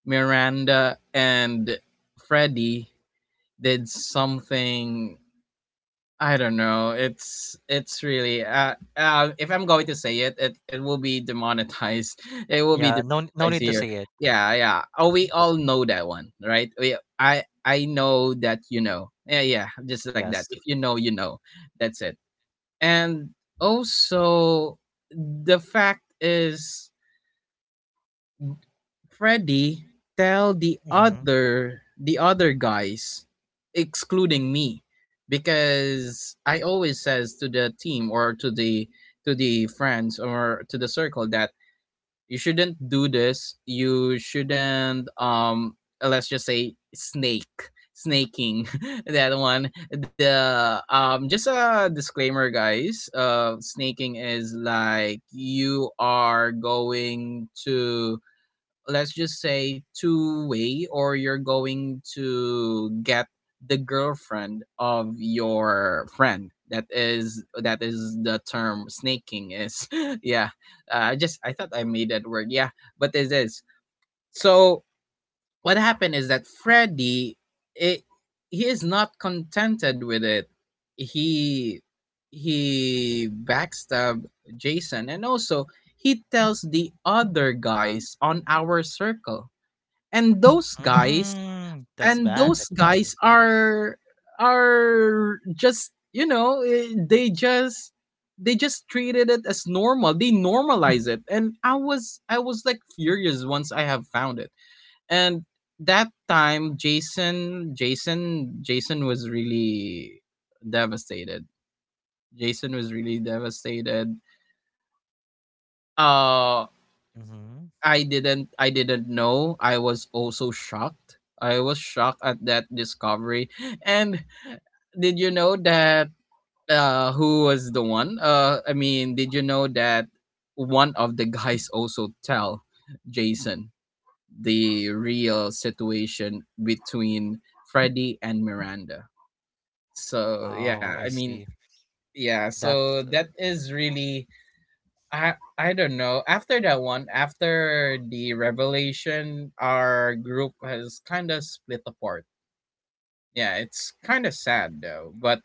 B: Miranda and Freddy did something. I don't know. It's really if I'm going to say it, it will be demonetized. It will be
A: Yeah. No. No
B: demonetized
A: need to
B: here.
A: say it.
B: Yeah, yeah. Oh,
A: Mhm.
B: we all know that one, right? We I know that you know. Yeah, yeah. Just like that.
A: Yes.
B: If you know, you know. That's it. And also, the fact is Freddy tell the
A: Mm-hmm.
B: other the other guys, excluding me, because I always says to the team or to the friends or to the circle that you shouldn't do this. You shouldn't, let's just say, snake snaking, that one, the just a disclaimer, guys, snaking is like you are going to, let's just say, two way, or you're going to get the girlfriend of your friend. That is the term snaking is. Yeah. I thought I made that word, yeah, but it is. So what happened is that Freddy, it, he is not contented with it. He he backstabbed Jason, and also he tells the other guys on our circle, and those guys,
A: Mm, that's
B: and
A: bad.
B: those
A: That's bad.
B: guys are are just, they just, they just treated it as normal, they normalize it, and I was like furious once I have found it. And that time, Jason was really devastated. Jason was really devastated. uh
A: Mm-hmm.
B: I didn't know. I was also shocked. I was shocked at that discovery. And did you know that, who was the one? I mean, did you know that one of the guys also tell Jason the real situation between Freddy and Miranda? So,
A: Oh,
B: yeah,
A: I
B: I mean,
A: see.
B: yeah, so
A: That's
B: that is really... I don't know. After that one, after the revelation, our group has kind of split apart. Yeah, it's kind of sad though, but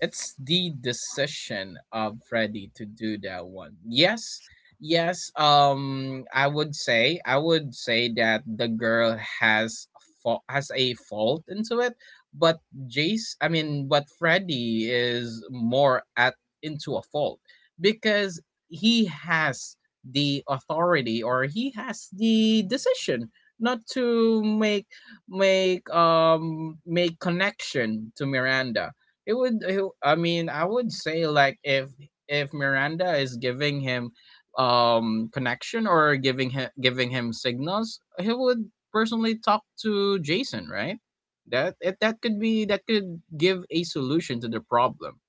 B: it's the decision of Freddy to do that one. Yes, yes. I would say that the girl has has a fault into it, but Freddy is more at into a fault because he has the authority, or he has the decision not to make, make connection to Miranda. It would. It, I mean, I would say, like, if Miranda is giving him connection, or giving him, giving him signals, he would personally talk to Jason, right? That it, that could be that could give a solution to the problem.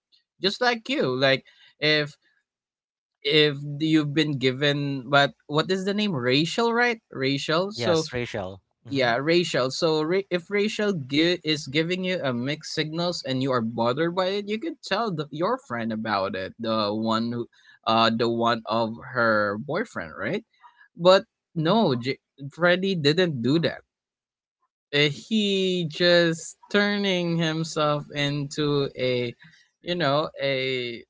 B: Just like you, like if you've been given, but what is the name? Rachel, right? Rachel. So
A: yes, racial. Mm-hmm.
B: yeah, racial. So if racial is giving you a mixed signals and you are bothered by it, you could tell your friend about it. The one who, the one of her boyfriend, right? But no, Freddy didn't do that. He just turning himself into a, you know, a...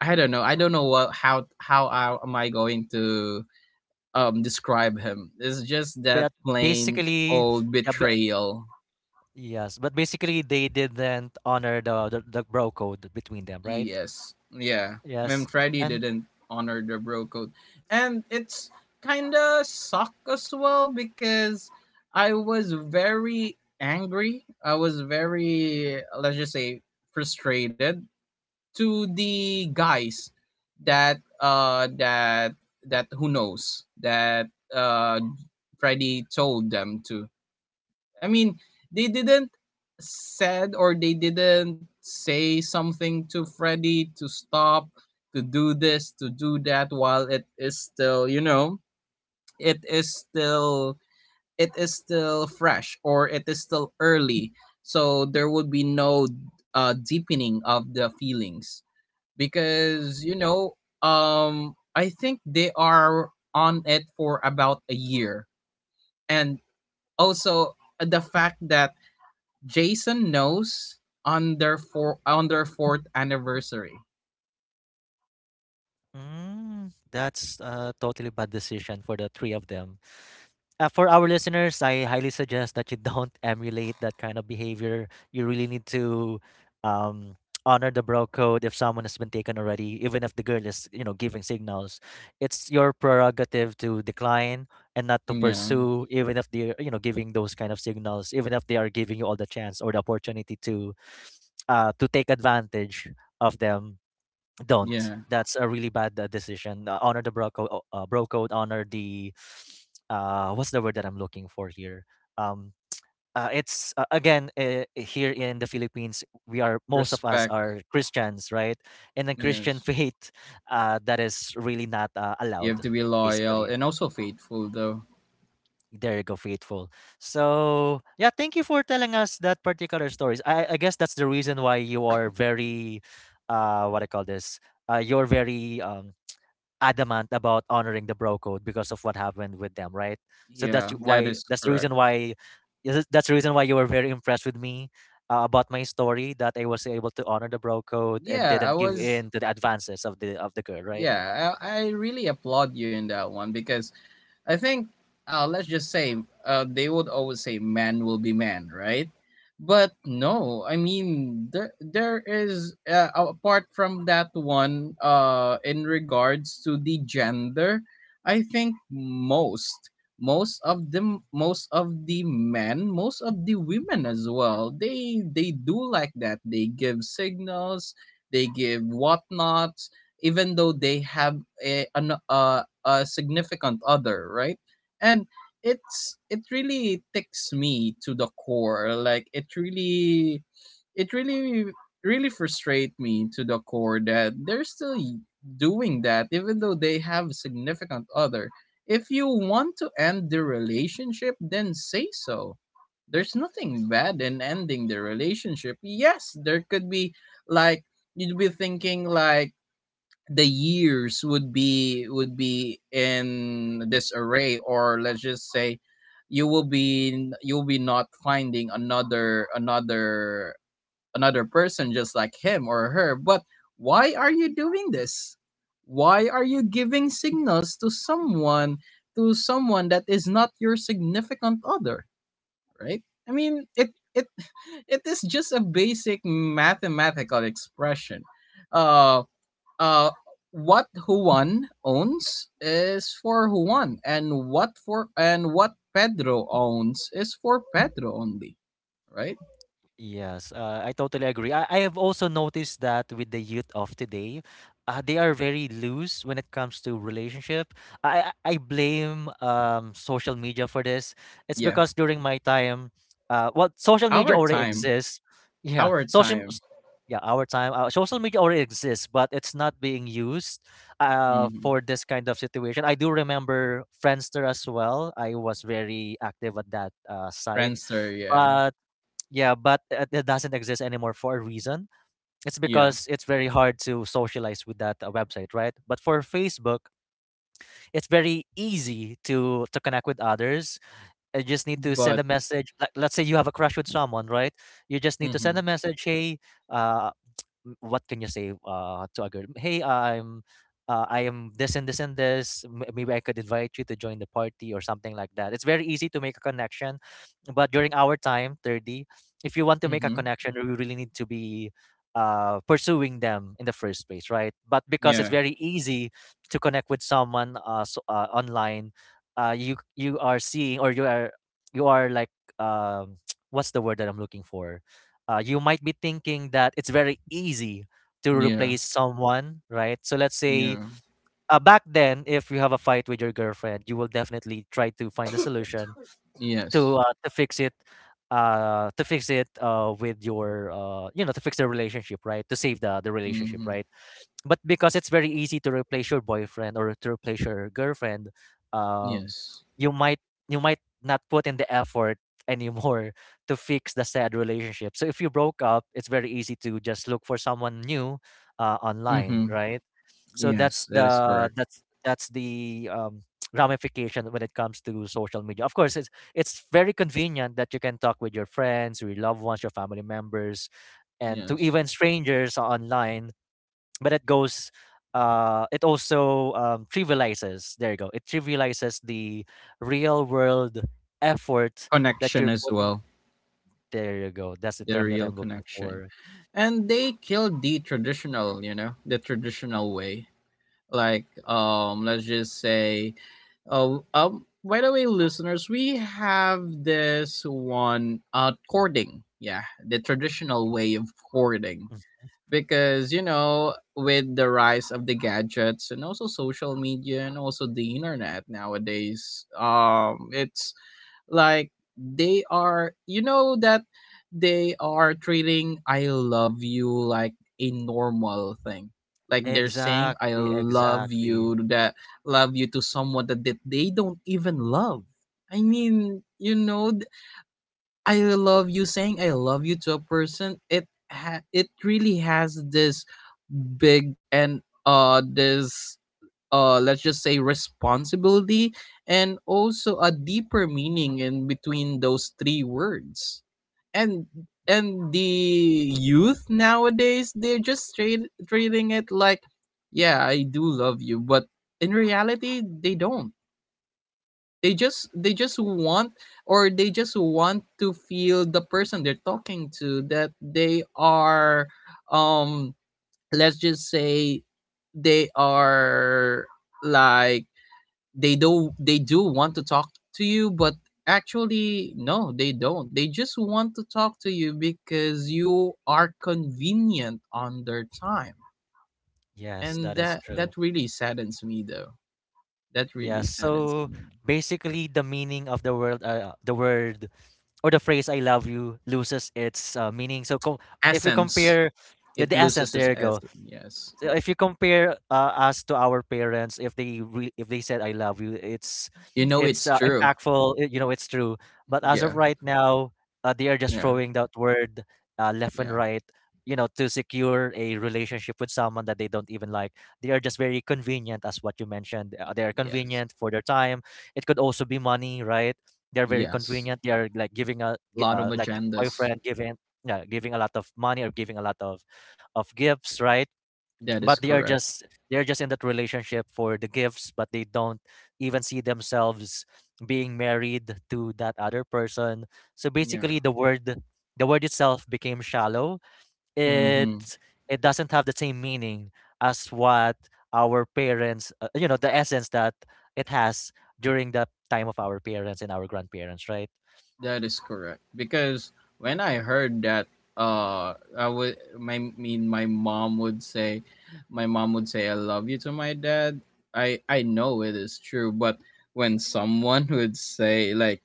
B: I don't know. I don't know what, how I, am I going to describe him. It's just that
A: But
B: plain
A: basically,
B: old
A: yeah, but,
B: betrayal.
A: yes, but basically they didn't honor the, the bro code between them, right?
B: Yes. Yeah.
A: Yes,
B: Memfreddy
A: and
B: didn't honor the bro code. And it's kinda suck as well because I was very angry. I was very, let's just say, frustrated to the guys that, who knows that uh Freddy told them to, I mean, they didn't said, or they didn't say something to Freddy to stop, to do this, to do that, while it is still, you know, it is still, it is still fresh, or it is still early. So there would be no deepening of the feelings because, you know, I think they are on it for about a year. And also, the fact that Jason knows on their fourth anniversary.
A: that's a totally bad decision for the three of them. For our listeners, I highly suggest that you don't emulate that kind of behavior. You really need to um, honor the bro code if someone has been taken already, even if the girl is, you know, giving signals. It's your prerogative to decline and not to
B: Yeah,
A: pursue, even if they're, giving those kind of signals, even if they are giving you all the chance or the opportunity to take advantage of them. Don't.
B: yeah.
A: That's a really bad decision. Honor the bro code. Bro code. Honor the. What's the word that I'm looking for here? Um, it's Again, here in the Philippines. We are Most of us
B: Respect.
A: are Christians, right? In the Christian
B: Yes,
A: faith, that is really not
B: you
A: allowed.
B: have to be loyal
A: Basically,
B: and also faithful, though.
A: there you go, faithful. So yeah, thank you for telling us that particular stories. I guess that's the reason why you are very, what I call this. You're very adamant about honoring the bro code because of what happened with them, right? So that's
B: Yeah, that
A: why
B: is
A: that's the
B: correct.
A: reason why yeah, that's the reason why you were very impressed with me about my story, that I was able to honor the bro code and
B: Yeah, I
A: didn't give
B: was.
A: in to the advances of the girl, right?
B: Yeah, I really applaud you in that one because I think, let's just say, they would always say man will be man, right? But no, I mean, there is, apart from that one, in regards to the gender, I think most of the men, most of the women as well, they do like that. They give signals, they give whatnots, even though they have a significant other, right? And it really ticks me to the core. Like, it really really frustrate me to the core that they're still doing that even though they have a significant other. If you want to end the relationship, then say so. There's nothing bad in ending the relationship. Yes, there could be, like, you'd be thinking like the years would be in disarray, or, let's just say, you'll be not finding another person just like him or her, but why are you doing this? Why are you giving signals to someone, to someone that is not your significant other, right? I mean, it it is just a basic mathematical expression. uh uh what Juan owns is for Juan, and what Pedro owns is for Pedro only, right?
A: Yes, I totally agree. I have also noticed that with the youth of today, they are very loose when it comes to relationship. I blame social media for this. It's
B: Yeah.
A: because during my time, well, social media
B: Our
A: already
B: time,
A: exists. Yeah,
B: our time.
A: our time, social media already exists, but it's not being used, for
B: Mhm.
A: this kind of situation. I do remember Friendster as well. I was very active at that site,
B: Friendster, yeah.
A: but. Yeah, but it doesn't exist anymore for a reason. It's
B: Yeah.
A: because it's very hard to socialize with that website, right? But for Facebook, it's very easy to connect with others. You just need to send
B: But
A: a message. Like, let's say you have a crush with someone, right? You just need to send a
B: mhm.
A: message. Hey, uh, what can you say to a girl? Hey, I am this and this and this. Maybe I could invite you to join the party or something like that. It's very easy to make a connection. But during our time, 30, if you want to make a
B: Mhm.
A: connection, you really need to be pursuing them in the first place, right? But because it's
B: Yeah.
A: very easy to connect with someone, so, online, you are seeing, or you are like, um, what's the word that I'm looking for? You might be thinking that it's very easy to
B: Yeah.
A: replace someone, right? So let's say,
B: Yeah.
A: back then, if you have a fight with your girlfriend, you will definitely try to find a solution
B: Yes.
A: to fix it, with your you know to fix the relationship, right? To save the relationship,
B: Mhm.
A: right? But because it's very easy to replace your boyfriend or to replace your girlfriend, um
B: Yes.
A: you might you might not put in the effort anymore to fix the sad relationship. So if you broke up, it's very easy to just look for someone new online,
B: Mhm.
A: right? So that's
B: Yes, that is
A: the
B: correct.
A: that's that's the ramification when it comes to social media. Of course, it's very convenient that you can talk with your friends, your loved ones, your family members, and to
B: Yes.
A: even strangers online, but it also trivializes. There you go. It trivializes the real world effort that
B: Connection
A: you're
B: as
A: putting.
B: well.
A: There you go, that's the
B: The
A: term that
B: real
A: I'm looking
B: connection.
A: for.
B: And they killed the traditional, you know, the traditional way. Like, let's just say, oh, by the way, listeners, we have this one, courting, yeah, the traditional way of courting.
A: Mm.
B: Because you know, with the rise of the gadgets and also social media and also the internet nowadays, it's like they are, you know, that they are treating "I love you" like a normal thing. Like they're saying "I
A: Exactly,
B: love
A: exactly.
B: you," to someone that they don't even love. I mean, you know, "I love you," saying "I love you" to a person, it really has this big and, this, let's just say, responsibility, and also a deeper meaning in between those three words. And and the youth nowadays, they're just treating it like, "Yeah, I do love you," but in reality they don't. They just want, or they just want to feel the person they're talking to that they are, um let's just say, they are, like, they do want to talk to you, but actually no, they don't, they just want to talk to you because you are convenient on their time.
A: Yes,
B: And
A: that is
B: that
A: true.
B: really saddens me, though. That really
A: Yes.
B: saddens
A: So
B: me.
A: basically, the meaning of the word, or the phrase "I love you" loses its meaning. So if you
B: Essence.
A: compare, yeah,
B: It
A: the essence,
B: loses its
A: there you go.
B: essence, yes.
A: So if you compare us to our parents, if they said "I love you,"
B: You know it's
A: it's
B: true.
A: impactful. It's true. But as
B: Yeah.
A: of right now, they are just
B: Yeah.
A: throwing that word left and
B: Yeah.
A: right. To secure a relationship with someone that they don't even like. They are just very convenient, as what you mentioned. They are
B: Yes.
A: convenient for their time. It could also be money, right? They're very
B: Yes.
A: convenient. They are like
B: Lot of
A: like the
B: agendas.
A: boyfriend giving, yeah, giving a lot of money or giving a lot of gifts, right?
B: That
A: But
B: is
A: they are
B: correct.
A: just they're just in that relationship for the gifts, but they don't even see themselves being married to that other person. So
B: Yeah.
A: basically the word itself became shallow.
B: Mm-hmm.
A: It it doesn't have the same meaning as what our parents, the essence that it has during the time of our parents and our grandparents, right?
B: That is correct. Because when I heard that, I would, my mean, my mom would say, "I love you" to my dad. I know it is true, but when someone would say like,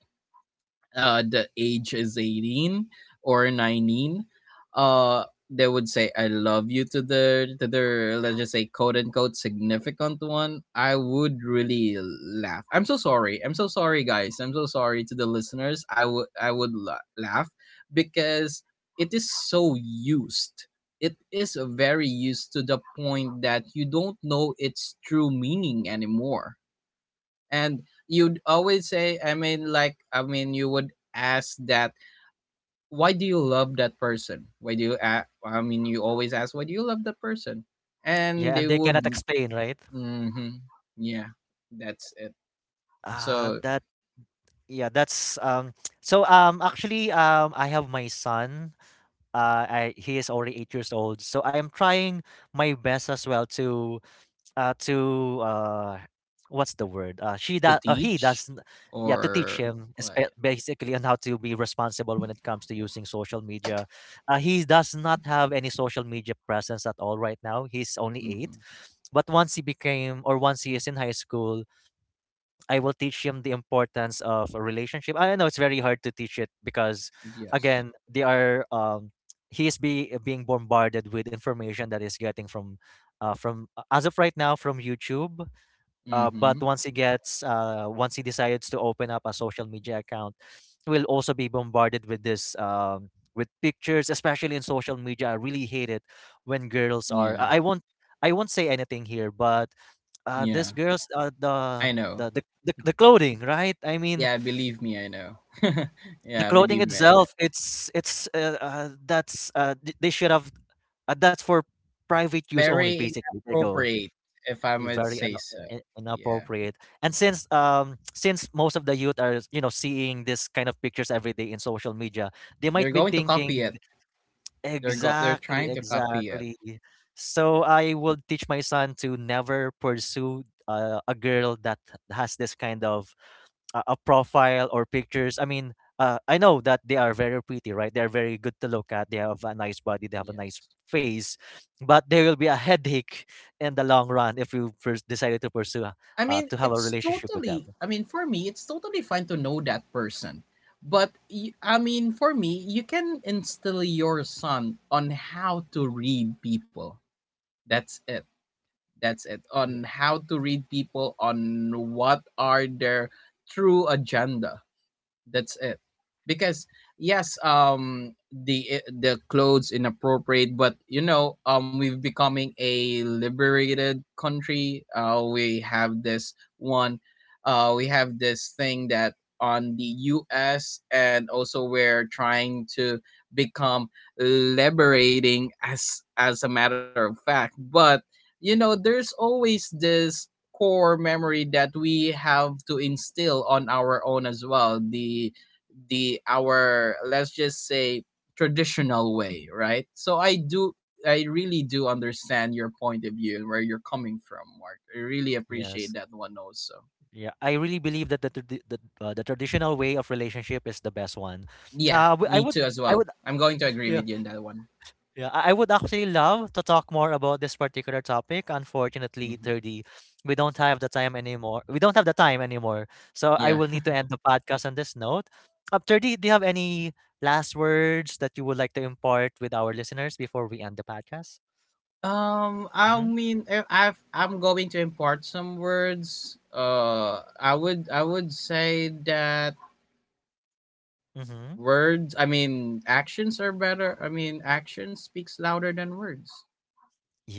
B: the age is 18 or 19, uh they would say "I love you" to their, let's just say quote unquote significant one, I would really laugh. I'm so sorry. I'm so sorry, guys. I'm so sorry to the listeners. Laugh, because it is so used. It is very used to the point that you don't know its true meaning anymore. And you'd always say, I mean, like, you would ask that, why do you love that person? Why do you a- I mean You always ask, why do you love that person? And
A: Yeah, and
B: they
A: they
B: would...
A: cannot explain, right?
B: hmm. Yeah, that's it. So,
A: That yeah that's so Actually, I have my son. He is already 8 years old. So I am trying my best as well to, uh, to uh, what's the word? She,
B: to
A: that, he
B: teach,
A: does. Yeah, to teach
B: or
A: him,
B: what.
A: basically, on how to be responsible when it comes to using social media. He does not have any social media presence at all right now. He's only eight,
B: Hmm.
A: but once he is in high school, I will teach him the importance of a relationship. I know it's very hard to teach it, because
B: Yes.
A: again, they are he is being bombarded with information that is getting from, as of right now, from YouTube. Uh,
B: Hmm.
A: but once he decides to open up a social media account, he will also be bombarded with this. With pictures, especially in social media, I really hate it when girls are.
B: Yeah.
A: I won't. I won't say anything here, but this
B: Yeah,
A: girl's, the,
B: I know.
A: the clothing, right? I mean,
B: Yeah, believe me, I know.
A: the
B: Yeah,
A: clothing
B: believe me, I know.
A: itself, they should have, that's for private use only,
B: Very
A: basically. They go.
B: inappropriate, if I
A: You
B: might
A: very un-
B: say so.
A: I-
B: Yeah.
A: inappropriate. And since since most of the youth are, seeing this kind of pictures every day in social media, they might
B: They're
A: be
B: going to copy
A: thinking...
B: it. They're
A: Exactly,
B: trying to copy it.
A: exactly. So
B: Yeah.
A: I will teach my son to never pursue a girl that has this kind of a profile or pictures. I mean, I know that they are very pretty, right? They're very good to look at. They have a nice body. They have a nice
B: Yes.
A: face, but there will be a headache in the long run if you first decided to pursue to have a relationship with them.
B: I mean, for me, it's totally fine to know that person. But I mean, for me, you can instill your son on how to read people. That's it. That's it.
A: Yeah.
B: On how to read people, on what are their true agenda. That's it, because yes, the the clothes inappropriate, but you know, we've becoming a liberated country. We have this one, we have this thing that on the US, and also we're trying to become liberating as, a matter of fact, but you know, there's always this core memory that we have to instill on our own as well, the our let's just say, traditional way, right? So I really do understand your point of view and where you're coming from, Mark. I really appreciate
A: Yes.
B: that one also.
A: Yeah, I really believe that the traditional way of relationship is the best one.
B: Yeah,
A: Uh, w- I
B: me
A: would
B: too as
A: I
B: well,
A: would
B: I'm going to agree with you on that one.
A: Yeah, I would actually love to talk more about this particular topic. Unfortunately,
B: Hmm.
A: 30, we don't have the time anymore. We don't have the time anymore. So I
B: Yeah.
A: will need to end the podcast on this note. Up 30, do you have any last words that you would like to impart with our listeners before we end the podcast?
B: I
A: Mm-hmm.
B: mean, I'm going to impart some words. I would say that,
A: Mm-hmm.
B: Actions are better. I mean, action speaks louder than words.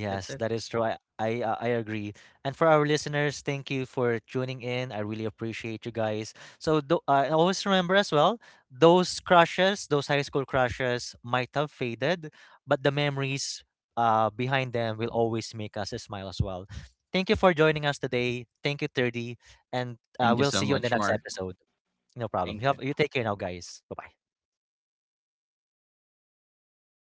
B: That's it.
A: that is true. I agree. And for our listeners, thank you for tuning in. I really appreciate you guys. So, always remember as well, those crushes, those high school crushes might have faded, but the memories behind them will always make us smile as well. Thank you for joining us today. Thank you, 30. And
B: Thank you
A: we'll
B: so
A: see you in the
B: much,
A: next
B: Mark.
A: episode. No problem.
B: Thank you.
A: You take care now, guys. Bye-bye.